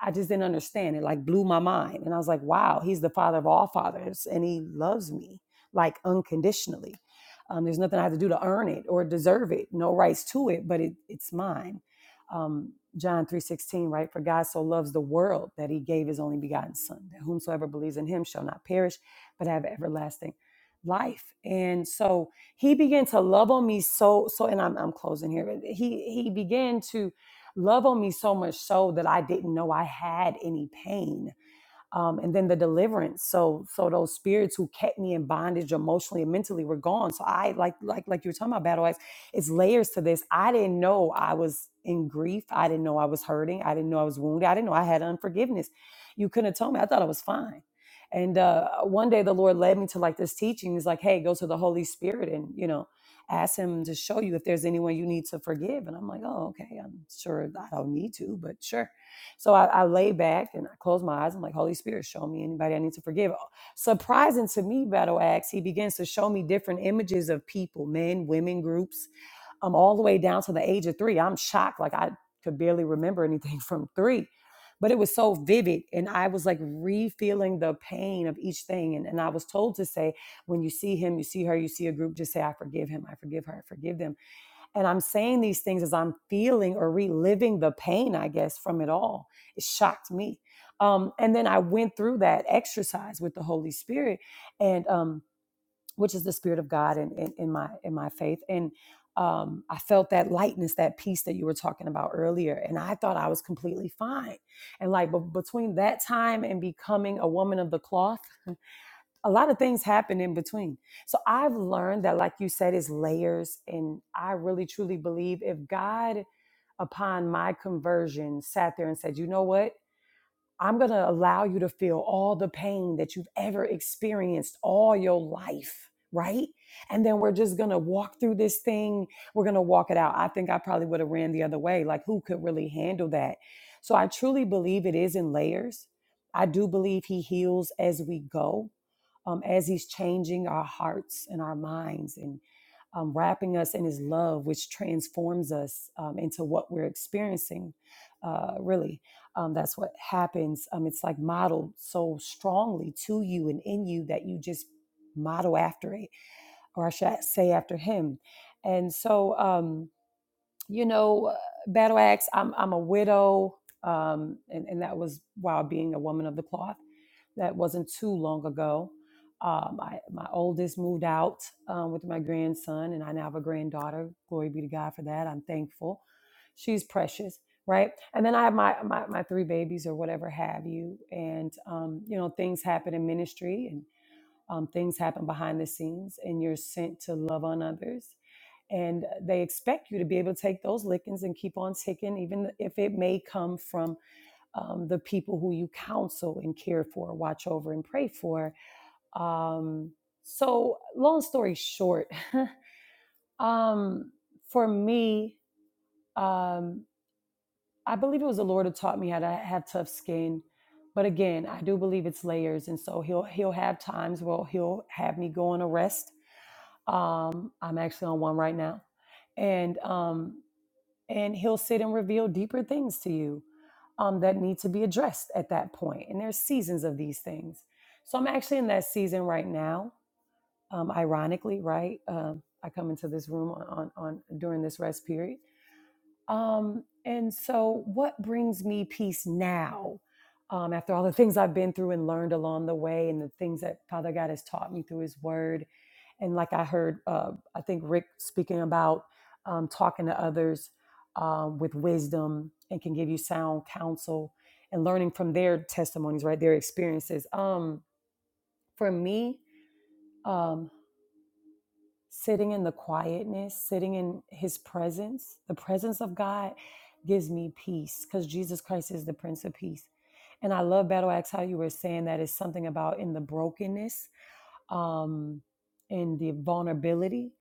S6: I just didn't understand. It like blew my mind. And I was like, wow, he's the father of all fathers and he loves me like unconditionally. Um, there's nothing I have to do to earn it or deserve it. No rights to it, but it, it's mine. Um, John 3.16, right? For God so loves the world that he gave his only begotten son, that whomsoever believes in him shall not perish, but have everlasting life. And so he began to love on me so, so, and I'm, I'm closing here. He, he began to Love on me so much so that I didn't know I had any pain um, and then the deliverance. So so those spirits who kept me in bondage emotionally and mentally were gone. So I like like like you were talking about battle axe. It's layers to this. I didn't know I was in grief. I didn't know I was hurting. I didn't know I was wounded. I didn't know I had unforgiveness. You couldn't have told me. I thought I was fine. And uh, one day the Lord led me to like this teaching. He's like, hey, go to the Holy Spirit and you know ask him to show you if there's anyone you need to forgive. And I'm like, oh okay. I'm sure I don't need to, but sure. So I, I lay back and I close my eyes. I'm like, Holy Spirit, show me anybody I need to forgive. Uh, Surprising to me, Battle Axe, he begins to show me different images of people, men, women, groups. I'm all the way down to the age of three. I'm shocked. Like I could barely remember anything from three. But it was so vivid. And I was like re-feeling the pain of each thing. And, and I was told to say, when you see him, you see her, you see a group, just say, I forgive him, I forgive her, I forgive them and I'm saying these things as I'm feeling or reliving the pain, I guess, from it all. It shocked me. Um, and then I went through that exercise with the Holy Spirit, and um, which is the Spirit of God in, in, in my in my faith. And um, I felt that lightness, that peace that you were talking about earlier. And I thought I was completely fine. And like, but between that time and becoming a woman of the cloth a lot of things happen in between. So I've learned that, like you said, is layers. And I really truly believe if God, upon my conversion, sat there and said, you know what? I'm going to allow you to feel all the pain that you've ever experienced all your life. Right. And then we're just going to walk through this thing. We're going to walk it out. I think I probably would have ran the other way. Like, who could really handle that? So I truly believe it is in layers. I do believe he heals as we go um, as He's changing our hearts and our minds and um, wrapping us in His love, which transforms us um, into what we're experiencing. Uh, really, um, that's what happens. Um, it's like modeled so strongly to you and in you that you just model after it, or I should say after Him. And so, um, you know, Battle Axe, I'm, I'm a widow. Um, and, and that was while being a woman of the cloth that wasn't too long ago. Uh, my, my oldest moved out um, with my grandson, and I now have a granddaughter. Glory be to God for that. I'm thankful. She's precious, right? And then I have my, my, my three babies or whatever have you. And, um, you know, things happen in ministry and um, things happen behind the scenes, and you're sent to love on others. And they expect you to be able to take those lickings and keep on ticking, even if it may come from um, the people who you counsel and care for, watch over, and pray for. Um, so, long story short, um, for me, um, I believe it was the Lord who taught me how to have tough skin. But again, I do believe it's layers, and so He'll He'll have times where He'll have me go on a rest. Um, I'm actually on one right now, and um, and he'll sit and reveal deeper things to you um, that need to be addressed at that point. And there's seasons of these things. So I'm actually in that season right now. Um, ironically, right? Um, I come into this room on, on, on during this rest period. Um, and so, what brings me peace now? Um, after all the things I've been through and learned along the way, and the things that Father God has taught me through His Word, and like I heard, uh, I think Rick speaking about um, talking to others um, with wisdom and can give you sound counsel and learning from their testimonies, right? Their experiences. Um, for me, um, sitting in the quietness, sitting in His presence, the presence of God gives me peace because Jesus Christ is the Prince of Peace. And I love Battle Axe how you were saying that it's something about in the brokenness um, and the vulnerability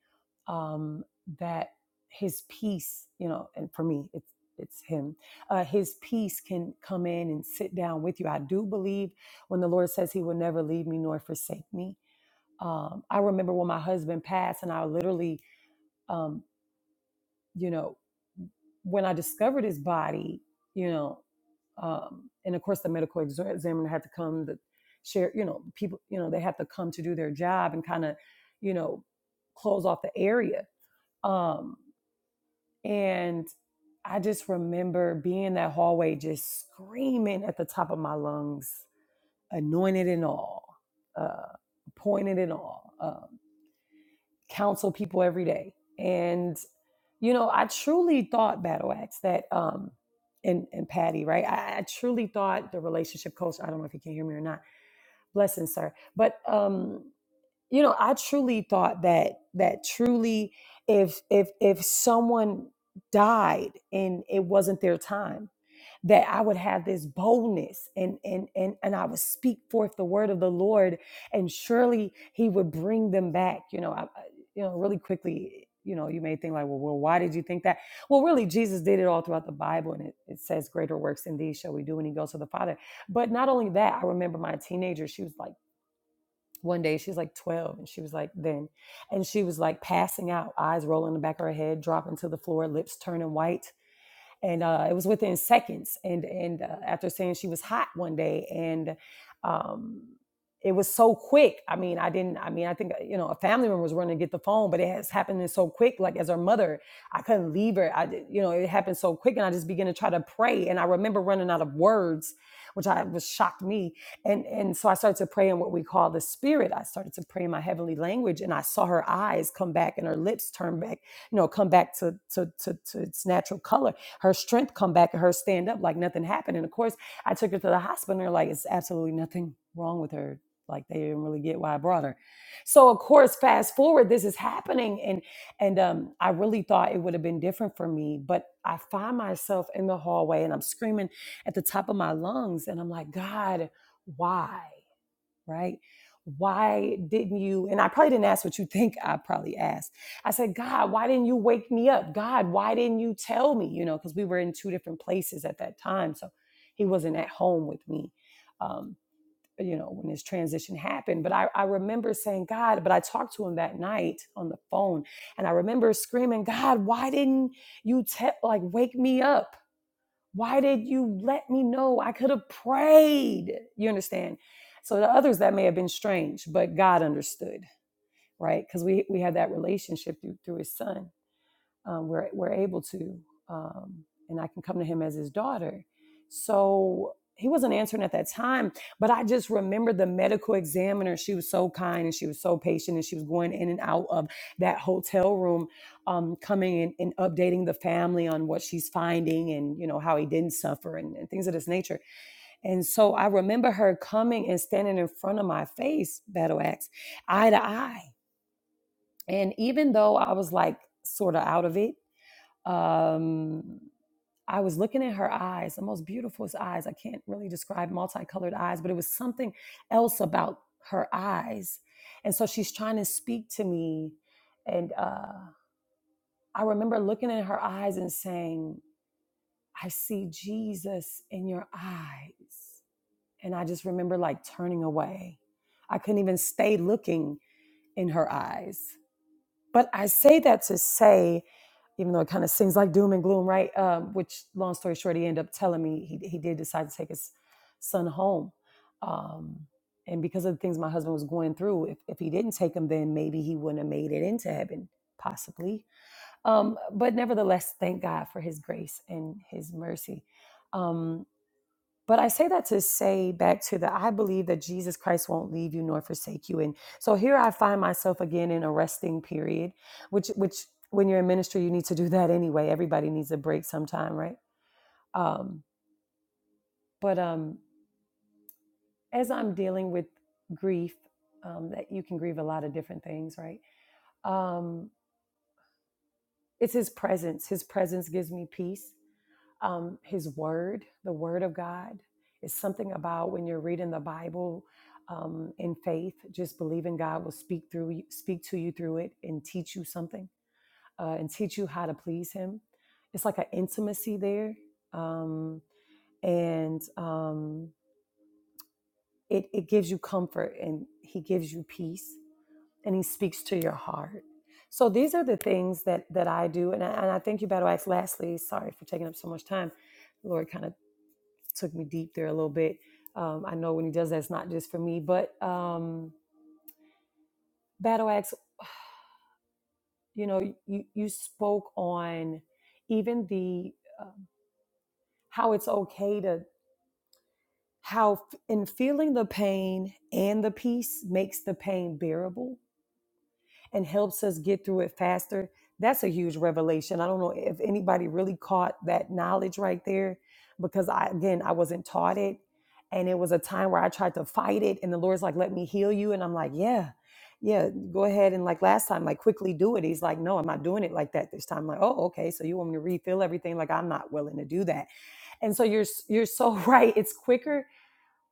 S6: um, that his peace, you know, and for me, it's it's him. Uh, his peace can come in and sit down with you. I do believe when the Lord says He will never leave me nor forsake me. Um, I remember when my husband passed, and I literally um you know, when I discovered his body, you know, um, and of course the medical examiner had to come to share, you know, people, you know, they had to come to do their job and kind of, you know, close off the area. Um, and I just remember being in that hallway, just screaming at the top of my lungs, anointed and all, uh, appointed and all. um, counsel people every day. And, you know, I truly thought Battle Axe that, um, and, and Patty, right? I, I truly thought the relationship coach, I don't know if you can hear me or not, blessing, sir. But, um, you know, I truly thought that, that truly, if, if, if someone died and it wasn't their time, that I would have this boldness and and and and I would speak forth the word of the Lord, and surely He would bring them back. You know, I, you know, really quickly. You know, you may think like, well, well, why did you think that? Well, really, Jesus did it all throughout the Bible, and it, it says, "Greater works than these shall we do when He goes to the Father." But not only that, I remember my teenager. She was like. One day she's like 12 and she was like then and she was like passing out, eyes rolling in the back of her head, dropping to the floor, lips turning white and uh, it was within seconds. And and uh, after saying she was hot one day, and um, it was so quick. I mean, I didn't. I mean, I think uh, you know a family member was running to get the phone, but it has happened so quick. Like as her mother, I couldn't leave her. I did- you know it happened so quick, and I just began to try to pray. And I remember running out of words, which I was shocked me. And and so I started to pray in what we call the spirit. I started to pray in my heavenly language, and I saw her eyes come back and her lips turn back. You know, come back to to to, to its natural color her strength come back and her stand up like nothing happened. And of course, I took her to the hospital and they're like, it's absolutely nothing wrong with her. Like they didn't really get why I brought her. So of course, fast forward, this is happening. And and um, I really thought it would have been different for me, but I find myself in the hallway and I'm screaming at the top of my lungs, and I'm like, God, why? right? Why didn't you? And I probably didn't ask what you think I probably asked. I said, God, why didn't you wake me up? God, why didn't you tell me? You know, because we were in two different places at that time. So he wasn't at home with me, um, you know, when this transition happened. But I, I remember saying, God, but I talked to him that night on the phone and I remember screaming, God, why didn't you tell, like, wake me up? Why did you let me know? I could have prayed. You understand? So to others that may have been strange, but God understood, right? Because we we had that relationship through, through His Son um, we're, we're able to um, and i can come to him as his daughter so he wasn't answering at that time but i just remember the medical examiner she was so kind and she was so patient and she was going in and out of that hotel room um, coming in and updating the family on what she's finding and you know how he didn't suffer and, and things of this nature and so i remember her coming and standing in front of my face battle axe eye to eye and even though i was like sort of out of it um, I was looking at her eyes, the most beautiful eyes. I can't really describe multicolored eyes, but it was something else about her eyes. And so she's trying to speak to me. And uh, I remember looking in her eyes and saying, I see Jesus in your eyes. And I just remember like turning away. I couldn't even stay looking in her eyes. But I say that to say, even though it kind of seems like doom and gloom, right? Um, which, long story short, he ended up telling me he, he did decide to take his son home. Um, and because of the things my husband was going through, if, if he didn't take him, then maybe he wouldn't have made it into heaven, possibly. Um, but nevertheless, thank God for his grace and his mercy. Um, but I say that to say back to the I believe that Jesus Christ won't leave you nor forsake you. And so here I find myself again in a resting period, which which when you're in ministry, you need to do that anyway. Everybody needs a break sometime, right? Um, but um, as I'm dealing with grief, um, that you can grieve a lot of different things, right? Um, it's his presence. His presence gives me peace. um, his word, the word of God. It's something about when you're reading the Bible um, in faith, just believing God will speak through you, speak to you through it and teach you something uh, and teach you how to please him. It's like an intimacy there. Um, and um, it, it gives you comfort and he gives you peace and he speaks to your heart. So these are the things that that I do. And I, and I thank you, Battle Axe. Lastly, sorry for taking up so much time. Lord kind of took me deep there a little bit. Um, I know when he does that, it's not just for me. But um, Battle Axe, you know, you you spoke on even the uh, how it's okay to how f- in feeling the pain and the peace makes the pain bearable and helps us get through it faster. That's a huge revelation. I don't know if anybody really caught that knowledge right there because I again I wasn't taught it and it was a time where I tried to fight it and the Lord's like let me heal you and I'm like, yeah. Yeah, go ahead and like last time like quickly do it. He's like, "No, I'm not doing it like that this time." I'm like, "Oh, okay. So you want me to refill everything like I'm not willing to do that." And so you're you're so right. It's quicker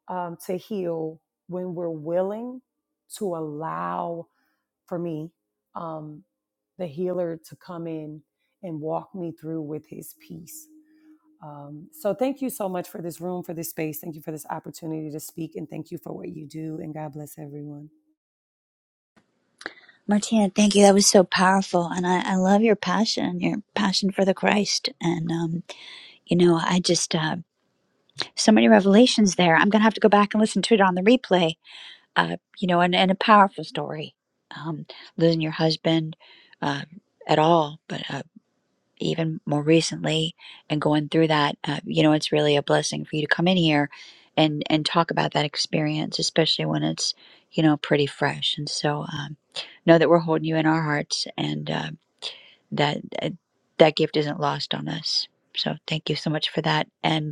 S6: um to heal when we're willing to allow for me, um, the healer to come in and walk me through with his peace. Um, so thank you so much for this room, for this space. Thank you for this opportunity to speak, and thank you for what you do. And God bless everyone.
S1: Martina, thank you. That was so powerful. And I, I love your passion, your passion for the Christ. And, um, you know, I just, uh, so many revelations there. I'm going to have to go back and listen to it on the replay, uh, you know, and, and a powerful story. Um, losing your husband uh, at all, but uh, even more recently and going through that uh, you know it's really a blessing for you to come in here and and talk about that experience especially when it's you know pretty fresh and so um, know that we're holding you in our hearts and uh, that uh, that gift isn't lost on us so thank you so much for that and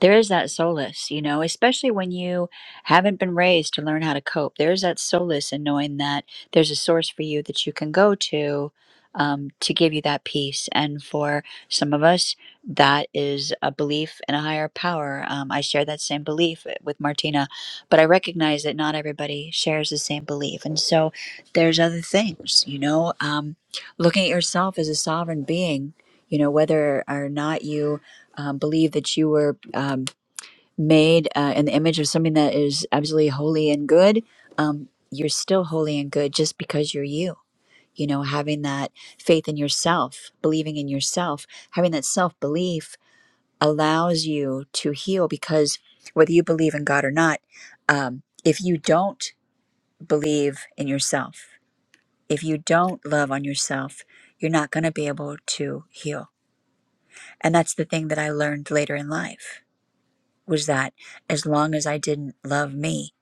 S1: there is that solace, you know, especially when you haven't been raised to learn how to cope. There is that solace in knowing that there's a source for you that you can go to um, to give you that peace. And for some of us, that is a belief in a higher power. Um, I share that same belief eh, with Martina, but I recognize that not everybody shares the same belief. And so there's other things, you know, um, looking at yourself as a sovereign being, you know, whether or not you um, believe that you were um, made uh, in the image of something that is absolutely holy and good, um, you're still holy and good just because you're you. You know, having that faith in yourself, believing in yourself, having that self belief allows you to heal because whether you believe in God or not, um, if you don't believe in yourself, if you don't love on yourself, you're not going to be able to heal. And that's the thing that I learned later in life was that as long as I didn't love me,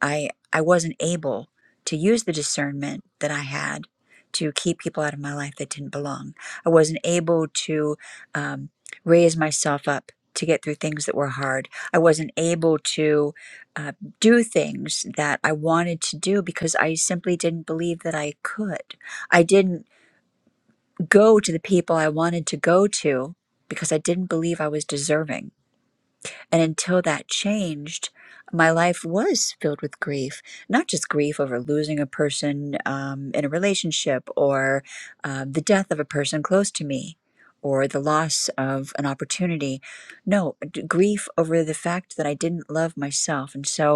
S1: I I wasn't able to use the discernment that I had to keep people out of my life that didn't belong. I wasn't able to um, raise myself up to get through things that were hard. I wasn't able to uh, do things that I wanted to do because I simply didn't believe that I could. I didn't go to the people I wanted to go to because I didn't believe I was deserving. And until that changed, my life was filled with grief, not just grief over losing a person um, in a relationship or uh, the death of a person close to me or the loss of an opportunity. No, d- grief over the fact that I didn't love myself. And so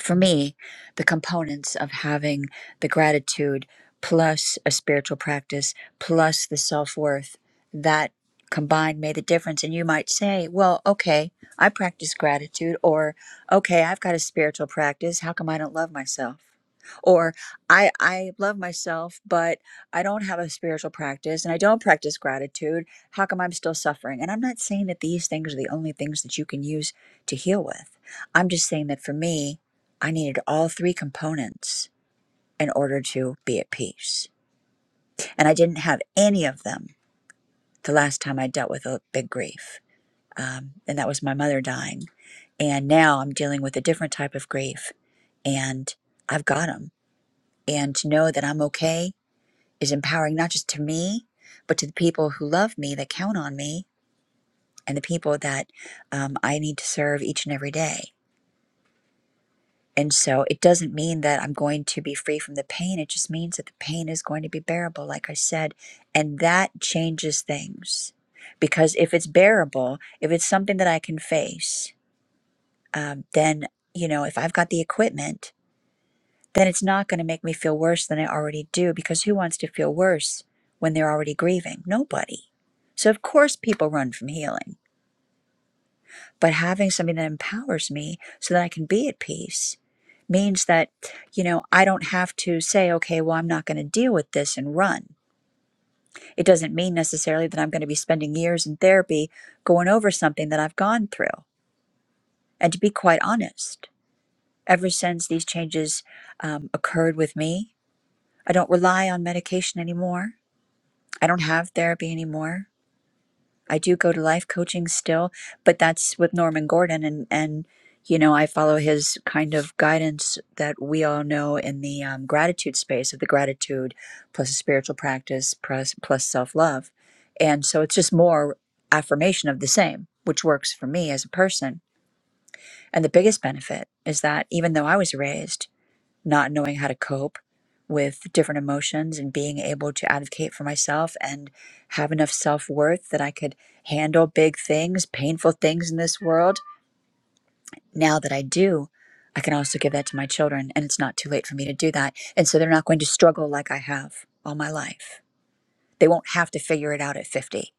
S1: for me, the components of having the gratitude plus a spiritual practice plus the self worth that combined made the difference. And you might say, well, okay, I practice gratitude, or okay, I've got a spiritual practice. How come I don't love myself? Or I, I love myself, but I don't have a spiritual practice and I don't practice gratitude. How come I'm still suffering? And I'm not saying that these things are the only things that you can use to heal with. I'm just saying that for me, I needed all three components in order to be at peace. And I didn't have any of them the last time I dealt with a big grief. Um, and that was my mother dying. And now I'm dealing with a different type of grief and I've got them. And to know that I'm okay is empowering not just to me, but to the people who love me, that count on me, and the people that um, I need to serve each and every day. And so it doesn't mean that I'm going to be free from the pain. It just means that the pain is going to be bearable, like I said. And that changes things. Because if it's bearable, if it's something that I can face, um, then, you know, if I've got the equipment, then it's not going to make me feel worse than I already do. Because who wants to feel worse when they're already grieving? Nobody. So, of course, people run from healing but having something that empowers me so that I can be at peace means that you know I don't have to say okay well I'm not going to deal with this and run. It doesn't mean necessarily that I'm going to be spending years in therapy going over something that I've gone through. And to be quite honest, ever since these changes um, occurred with me, I don't rely on medication anymore. I don't have therapy anymore. I do go to life coaching still, but that's with Norman Gordon and and you know I follow his kind of guidance that we all know in the um, gratitude space of the gratitude plus a spiritual practice plus plus self love, and so it's just more affirmation of the same, which works for me as a person. And the biggest benefit is that even though I was raised not knowing how to cope with different emotions and being able to advocate for myself and have enough self worth that I could handle big things, painful things in this world. Now that I do, I can also give that to my children, and it's not too late for me to do that. And so they're not going to struggle like I have all my life. They won't have to figure it out at 50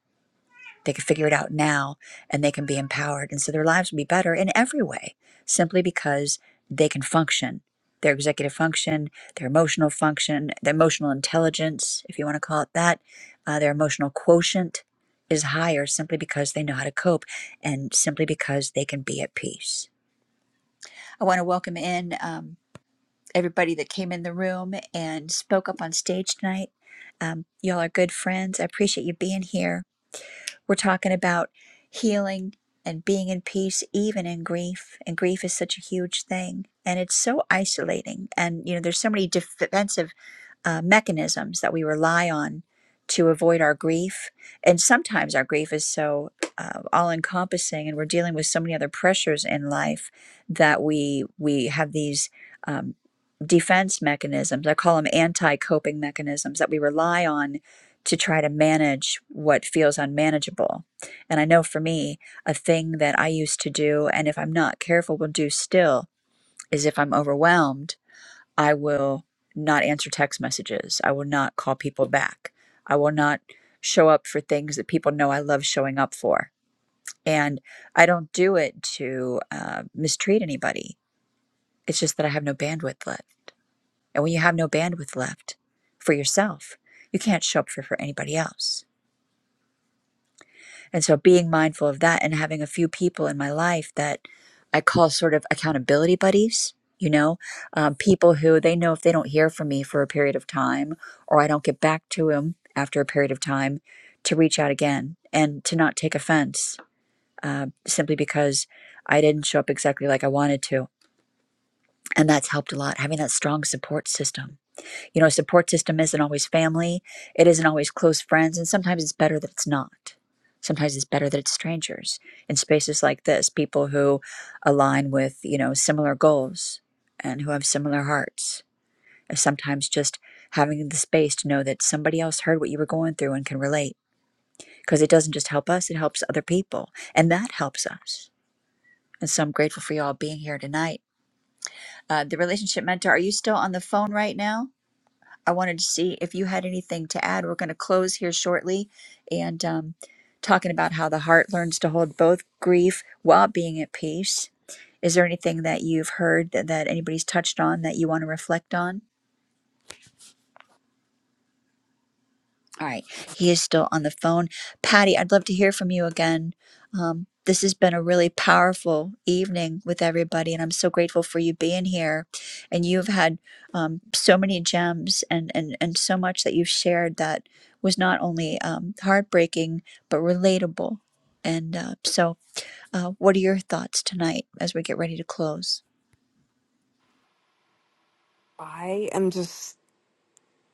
S1: they can figure it out now and they can be empowered. And so their lives will be better in every way simply because they can function their executive function, their emotional function, their emotional intelligence, if you want to call it that, uh, their emotional quotient is higher simply because they know how to cope and simply because they can be at peace. I want to welcome in um, everybody that came in the room and spoke up on stage tonight. Um, y'all are good friends. I appreciate you being here. We're talking about healing and being in peace, even in grief. And grief is such a huge thing. And it's so isolating. And, you know, there's so many defensive uh, mechanisms that we rely on to avoid our grief. And sometimes our grief is so uh, all encompassing, and we're dealing with so many other pressures in life that we we have these um, defense mechanisms. I call them anti coping mechanisms that we rely on to try to manage what feels unmanageable. And I know for me, a thing that I used to do, and if I'm not careful, will do still, is if I'm overwhelmed. I will not answer text messages. I will not call people back. I will not show up for things that people know I love showing up for. And I don't do it to uh, mistreat anybody. It's just that I have no bandwidth left. And when you have no bandwidth left for yourself, you can't show up for, for anybody else. And so being mindful of that and having a few people in my life that I call sort of accountability buddies, you know, um, people who they know if they don't hear from me for a period of time or I don't get back to them after a period of time to reach out again and to not take offense uh, simply because I didn't show up exactly like I wanted to. And that's helped a lot, having that strong support system you know, support system isn't always family, it isn't always close friends, and sometimes it's better that it's not. Sometimes it's better that it's strangers in spaces like this, people who align with, you know, similar goals and who have similar hearts. And sometimes just having the space to know that somebody else heard what you were going through and can relate. Because it doesn't just help us, it helps other people. And that helps us. And so I'm grateful for you all being here tonight. Uh, the relationship mentor, are you still on the phone right now? I wanted to see if you had anything to add. We're going to close here shortly and um, talking about how the heart learns to hold both grief while being at peace. Is there anything that you've heard that, that anybody's touched on that you want to reflect on? All right. He is still on the phone. Patty, I'd love to hear from you again. Um, this has been a really powerful evening with everybody, and I'm so grateful for you being here. And you've had um, so many gems and, and, and so much that you've shared that was not only um, heartbreaking, but relatable. And uh, so, uh, what are your thoughts tonight as we get ready to close?
S3: I am just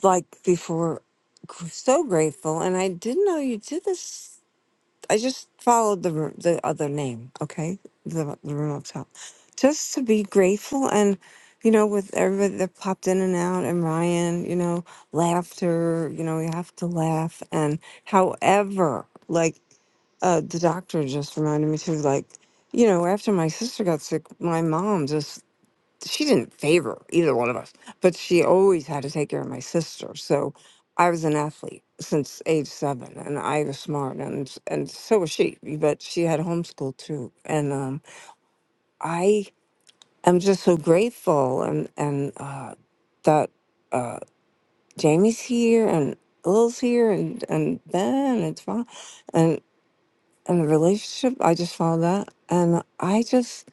S3: like before, gr- so grateful. And I didn't know you did this. I just followed the ru- the other name, okay? The the room up top. Just to be grateful and you know, with everybody that popped in and out and Ryan, you know, laughter, you know, we have to laugh and however, like uh the doctor just reminded me too, like, you know, after my sister got sick, my mom just she didn't favor either one of us, but she always had to take care of my sister. So I was an athlete since age seven, and I was smart, and and so was she. But she had homeschool too, and um, I am just so grateful, and and uh, that uh, Jamie's here, and Lil's here, and and Ben, and Tom, and and the relationship. I just follow that, and I just.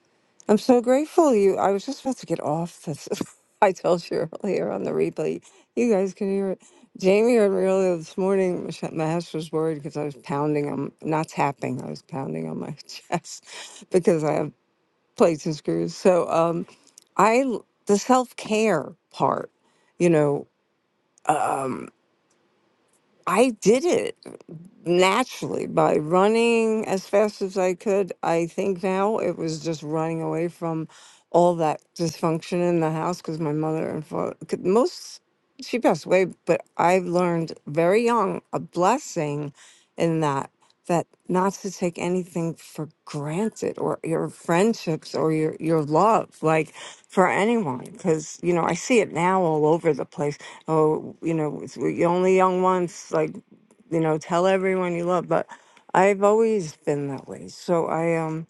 S3: I'm so grateful you. I was just about to get off this. I told you earlier on the replay. You guys can hear it. Jamie heard me earlier this morning. Mich- Mahesh was worried because I was pounding on, not tapping, I was pounding on my chest because I have plates and screws. So, um, I, l- the self care part, you know, um, I did it naturally by running as fast as I could. I think now it was just running away from all that dysfunction in the house because my mother and father, most, she passed away, but I learned very young a blessing in that, that not to take anything for granted or your friendships or your, your love, like for anyone. Because, you know, I see it now all over the place. Oh, you know, it's- you're only young once, like, you know tell everyone you love but i've always been that way so i um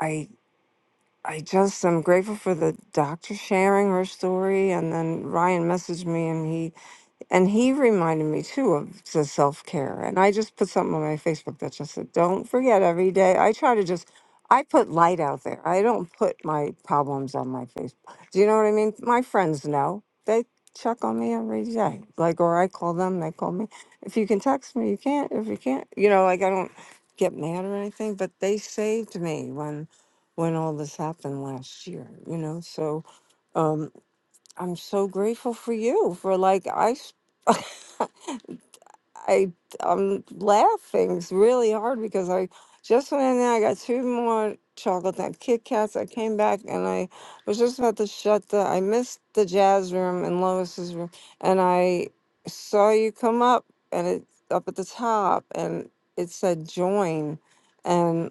S3: i i just i'm grateful for the doctor sharing her story and then ryan messaged me and he and he reminded me too of the self care. And I just put something on my Facebook that just said, don't forget every day. I try to just, I put light out there. I don't put my problems on my Facebook. Do you know what I mean? My friends know. They check on me every day. Like, or I call them, they call me. If you can text me, you can't. If you can't, you know, like I don't get mad or anything, but they saved me when when all this happened last year, you know? So, um, I'm so grateful for you for like I s- I I'm laughing s- really hard because I just went in there. I got two more chocolate nut Kit Kats. I came back and I was just about to shut the. I missed the jazz room and Lois's room, and I saw you come up and it up at the top and it said join, and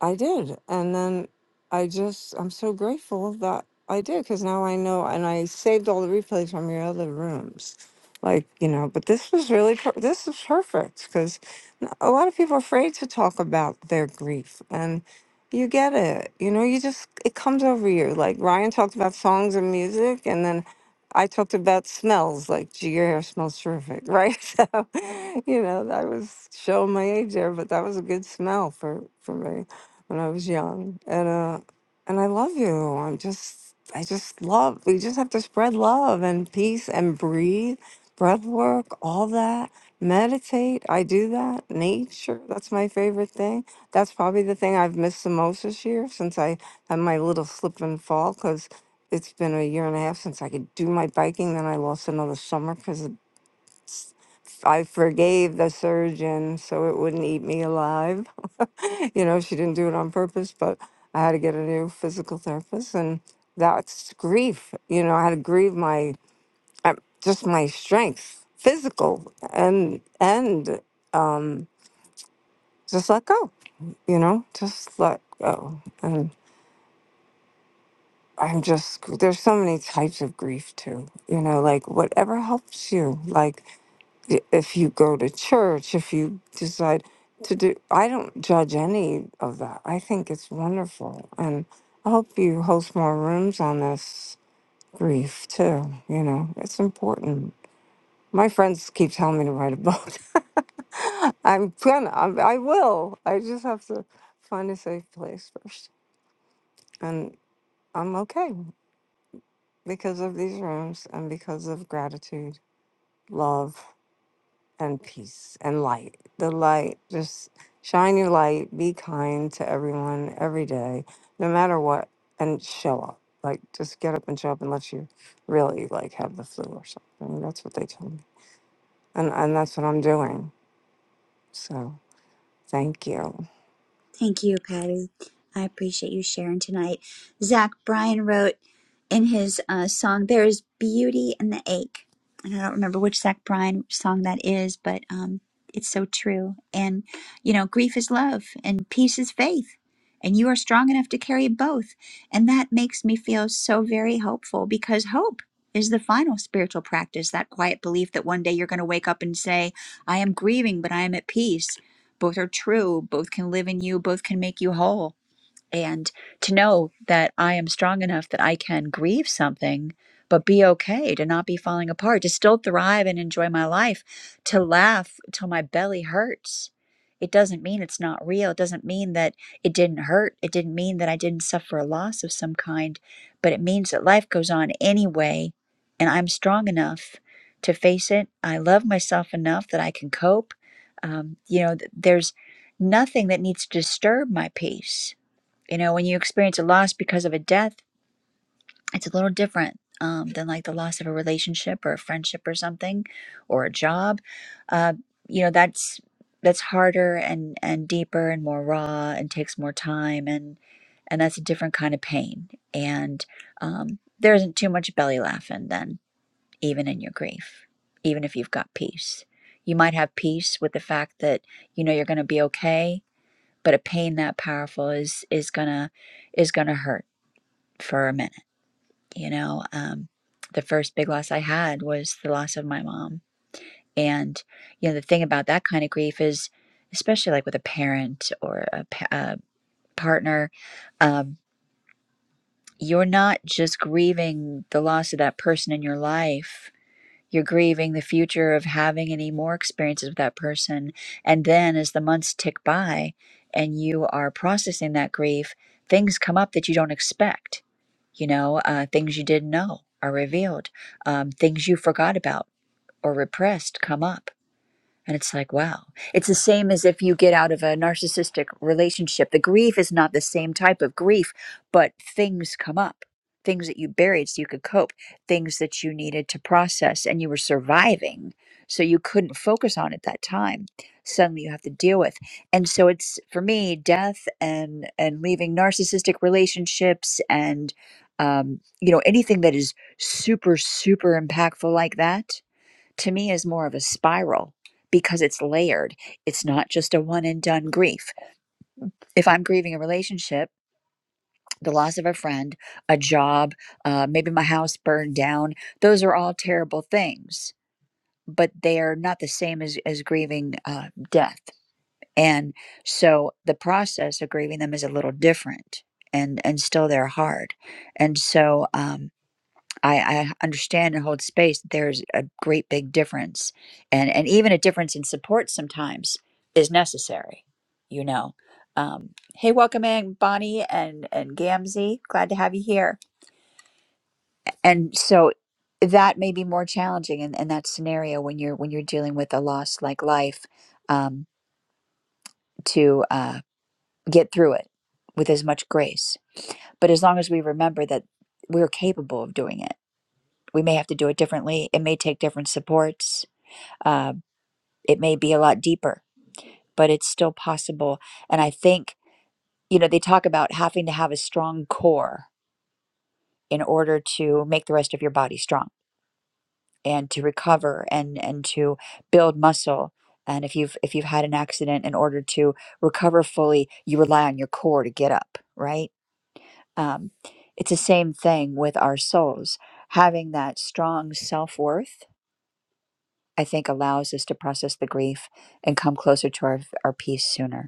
S3: I did. And then I just I'm so grateful that I did because now I know and I saved all the replays from your other rooms like you know but this was really per- this is perfect because a lot of people are afraid to talk about their grief and you get it you know you just it comes over you like ryan talked about songs and music and then i talked about smells like gee your hair smells terrific right so you know that was showing my age there but that was a good smell for for me when i was young and uh and i love you i'm just i just love we just have to spread love and peace and breathe breath work, all that. Meditate, I do that. Nature, that's my favorite thing. That's probably the thing I've missed the most this year since I had my little slip and fall because it's been a year and a half since I could do my biking. Then I lost another summer because I forgave the surgeon so it wouldn't eat me alive. You know, she didn't do it on purpose, but I had to get a new physical therapist. And that's grief. You know, I had to grieve my uh, just my strength, physical and and um, just let go. You know, just let go. And I'm just there's so many types of grief too. You know, like whatever helps you. Like i- if you go to church, if you decide to do. I don't judge any of that. I think it's wonderful, and I hope you host more rooms on this grief too. You know, it's important My friends keep telling me to write a book. I'm gonna. I'm, I will. I just have to find a safe place first, and I'm okay because of these rooms and because of gratitude, love, and peace and light. The light, just shine your light. Be kind to everyone every day, no matter what, and show up. Like just get up and show up unless you really like have the flu or something. That's what they tell me, and and that's what I'm doing. So. Thank you.
S1: Thank you, Patty. I appreciate you sharing tonight. Zach Bryan wrote. in his uh, song "There Is Beauty in the Ache," and I don't remember which Zach Bryan song that is, but um, it's so true. And you know, grief is love, and peace is faith, and you are strong enough to carry both. And that makes me feel so very hopeful because hope is the final spiritual practice. That quiet belief that one day you're going to wake up and say, "I am grieving, but I am at peace." Both are true. Both can live in you. Both can make you whole and to know that I am strong enough that I can grieve something, but be okay to not be falling apart, to still thrive and enjoy my life, to laugh till my belly hurts. It doesn't mean it's not real. It doesn't mean that it didn't hurt. It didn't mean that I didn't suffer a loss of some kind, but it means that life goes on anyway, and I'm strong enough to face it. I love myself enough that I can cope. Um, you know, th- there's nothing that needs to disturb my peace you know, when you experience a loss because of a death, it's a little different um, than like the loss of a relationship or a friendship or something, or a job. Uh, you know, that's that's harder and and deeper and more raw and takes more time and and that's a different kind of pain. And um, there isn't too much belly laughing then, even in your grief, even if you've got peace. You might have peace with the fact that you know you're going to be okay, but a pain that powerful is is gonna is gonna hurt for a minute. You know, um, the first big loss I had was the loss of my mom. And, you know, the thing about that kind of grief is, especially like with a parent or a, pa- a partner, um, you're not just grieving the loss of that person in your life. You're grieving the future of having any more experiences with that person. And then as the months tick by and you are processing that grief, things come up that you don't expect You know, uh, things you didn't know are revealed, um, things you forgot about or repressed come up. And it's like, wow. It's the same as if you get out of a narcissistic relationship. The grief is not the same type of grief, but things come up things that you buried so you could cope, things that you needed to process, and you were surviving. So you couldn't focus on at that time. Suddenly you have to deal with. And so it's for me, death and and leaving narcissistic relationships and um, you know, anything that is super, super impactful like that to me is more of a spiral because it's layered. It's not just a one and done grief. If I'm grieving a relationship, the loss of a friend, a job, uh, maybe my house burned down, those are all terrible things, but they are not the same as, as grieving uh, death. And so the process of grieving them is a little different. And, and still they're hard and so um, I, I understand and hold space there's a great big difference and and even a difference in support sometimes is necessary you know um, hey welcome in bonnie and and gamzee glad to have you here and so that may be more challenging in, in that scenario when you're when you're dealing with a loss like life um, to uh, get through it with as much grace but as long as we remember that we're capable of doing it we may have to do it differently it may take different supports uh, it may be a lot deeper, but it's still possible. And I think, you know, they talk about having to have a strong core in order to make the rest of your body strong and to recover and and to build muscle. And if you've if you've had an accident, in order to recover fully, you rely on your core to get up, right? Um, it's the same thing with our souls. Having that strong self worth, I think, allows us to process the grief and come closer to our, our peace sooner.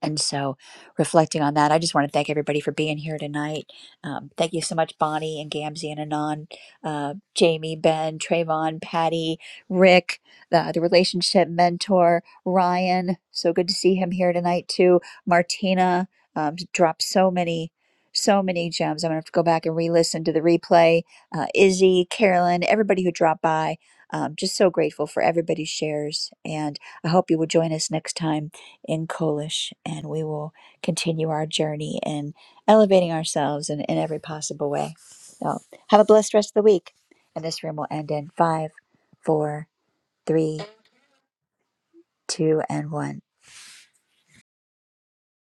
S1: And so, reflecting on that, I just want to thank everybody for being here tonight. Um, thank you so much, Bonnie and Gamzee and Anon, uh, Jamie, Ben, Trayvon, Patty, Rick, the, the relationship mentor, Ryan. So good to see him here tonight, too. Martina um, dropped so many. So many gems. I'm gonna have to go back and re-listen to the replay. Uh, Izzy, Carolyn, everybody who dropped by, um, just so grateful for everybody's shares. And I hope you will join us next time in Kolish, and we will continue our journey in elevating ourselves in, in every possible way. So, have a blessed rest of the week. And this room will end in five, four, three, two, and one.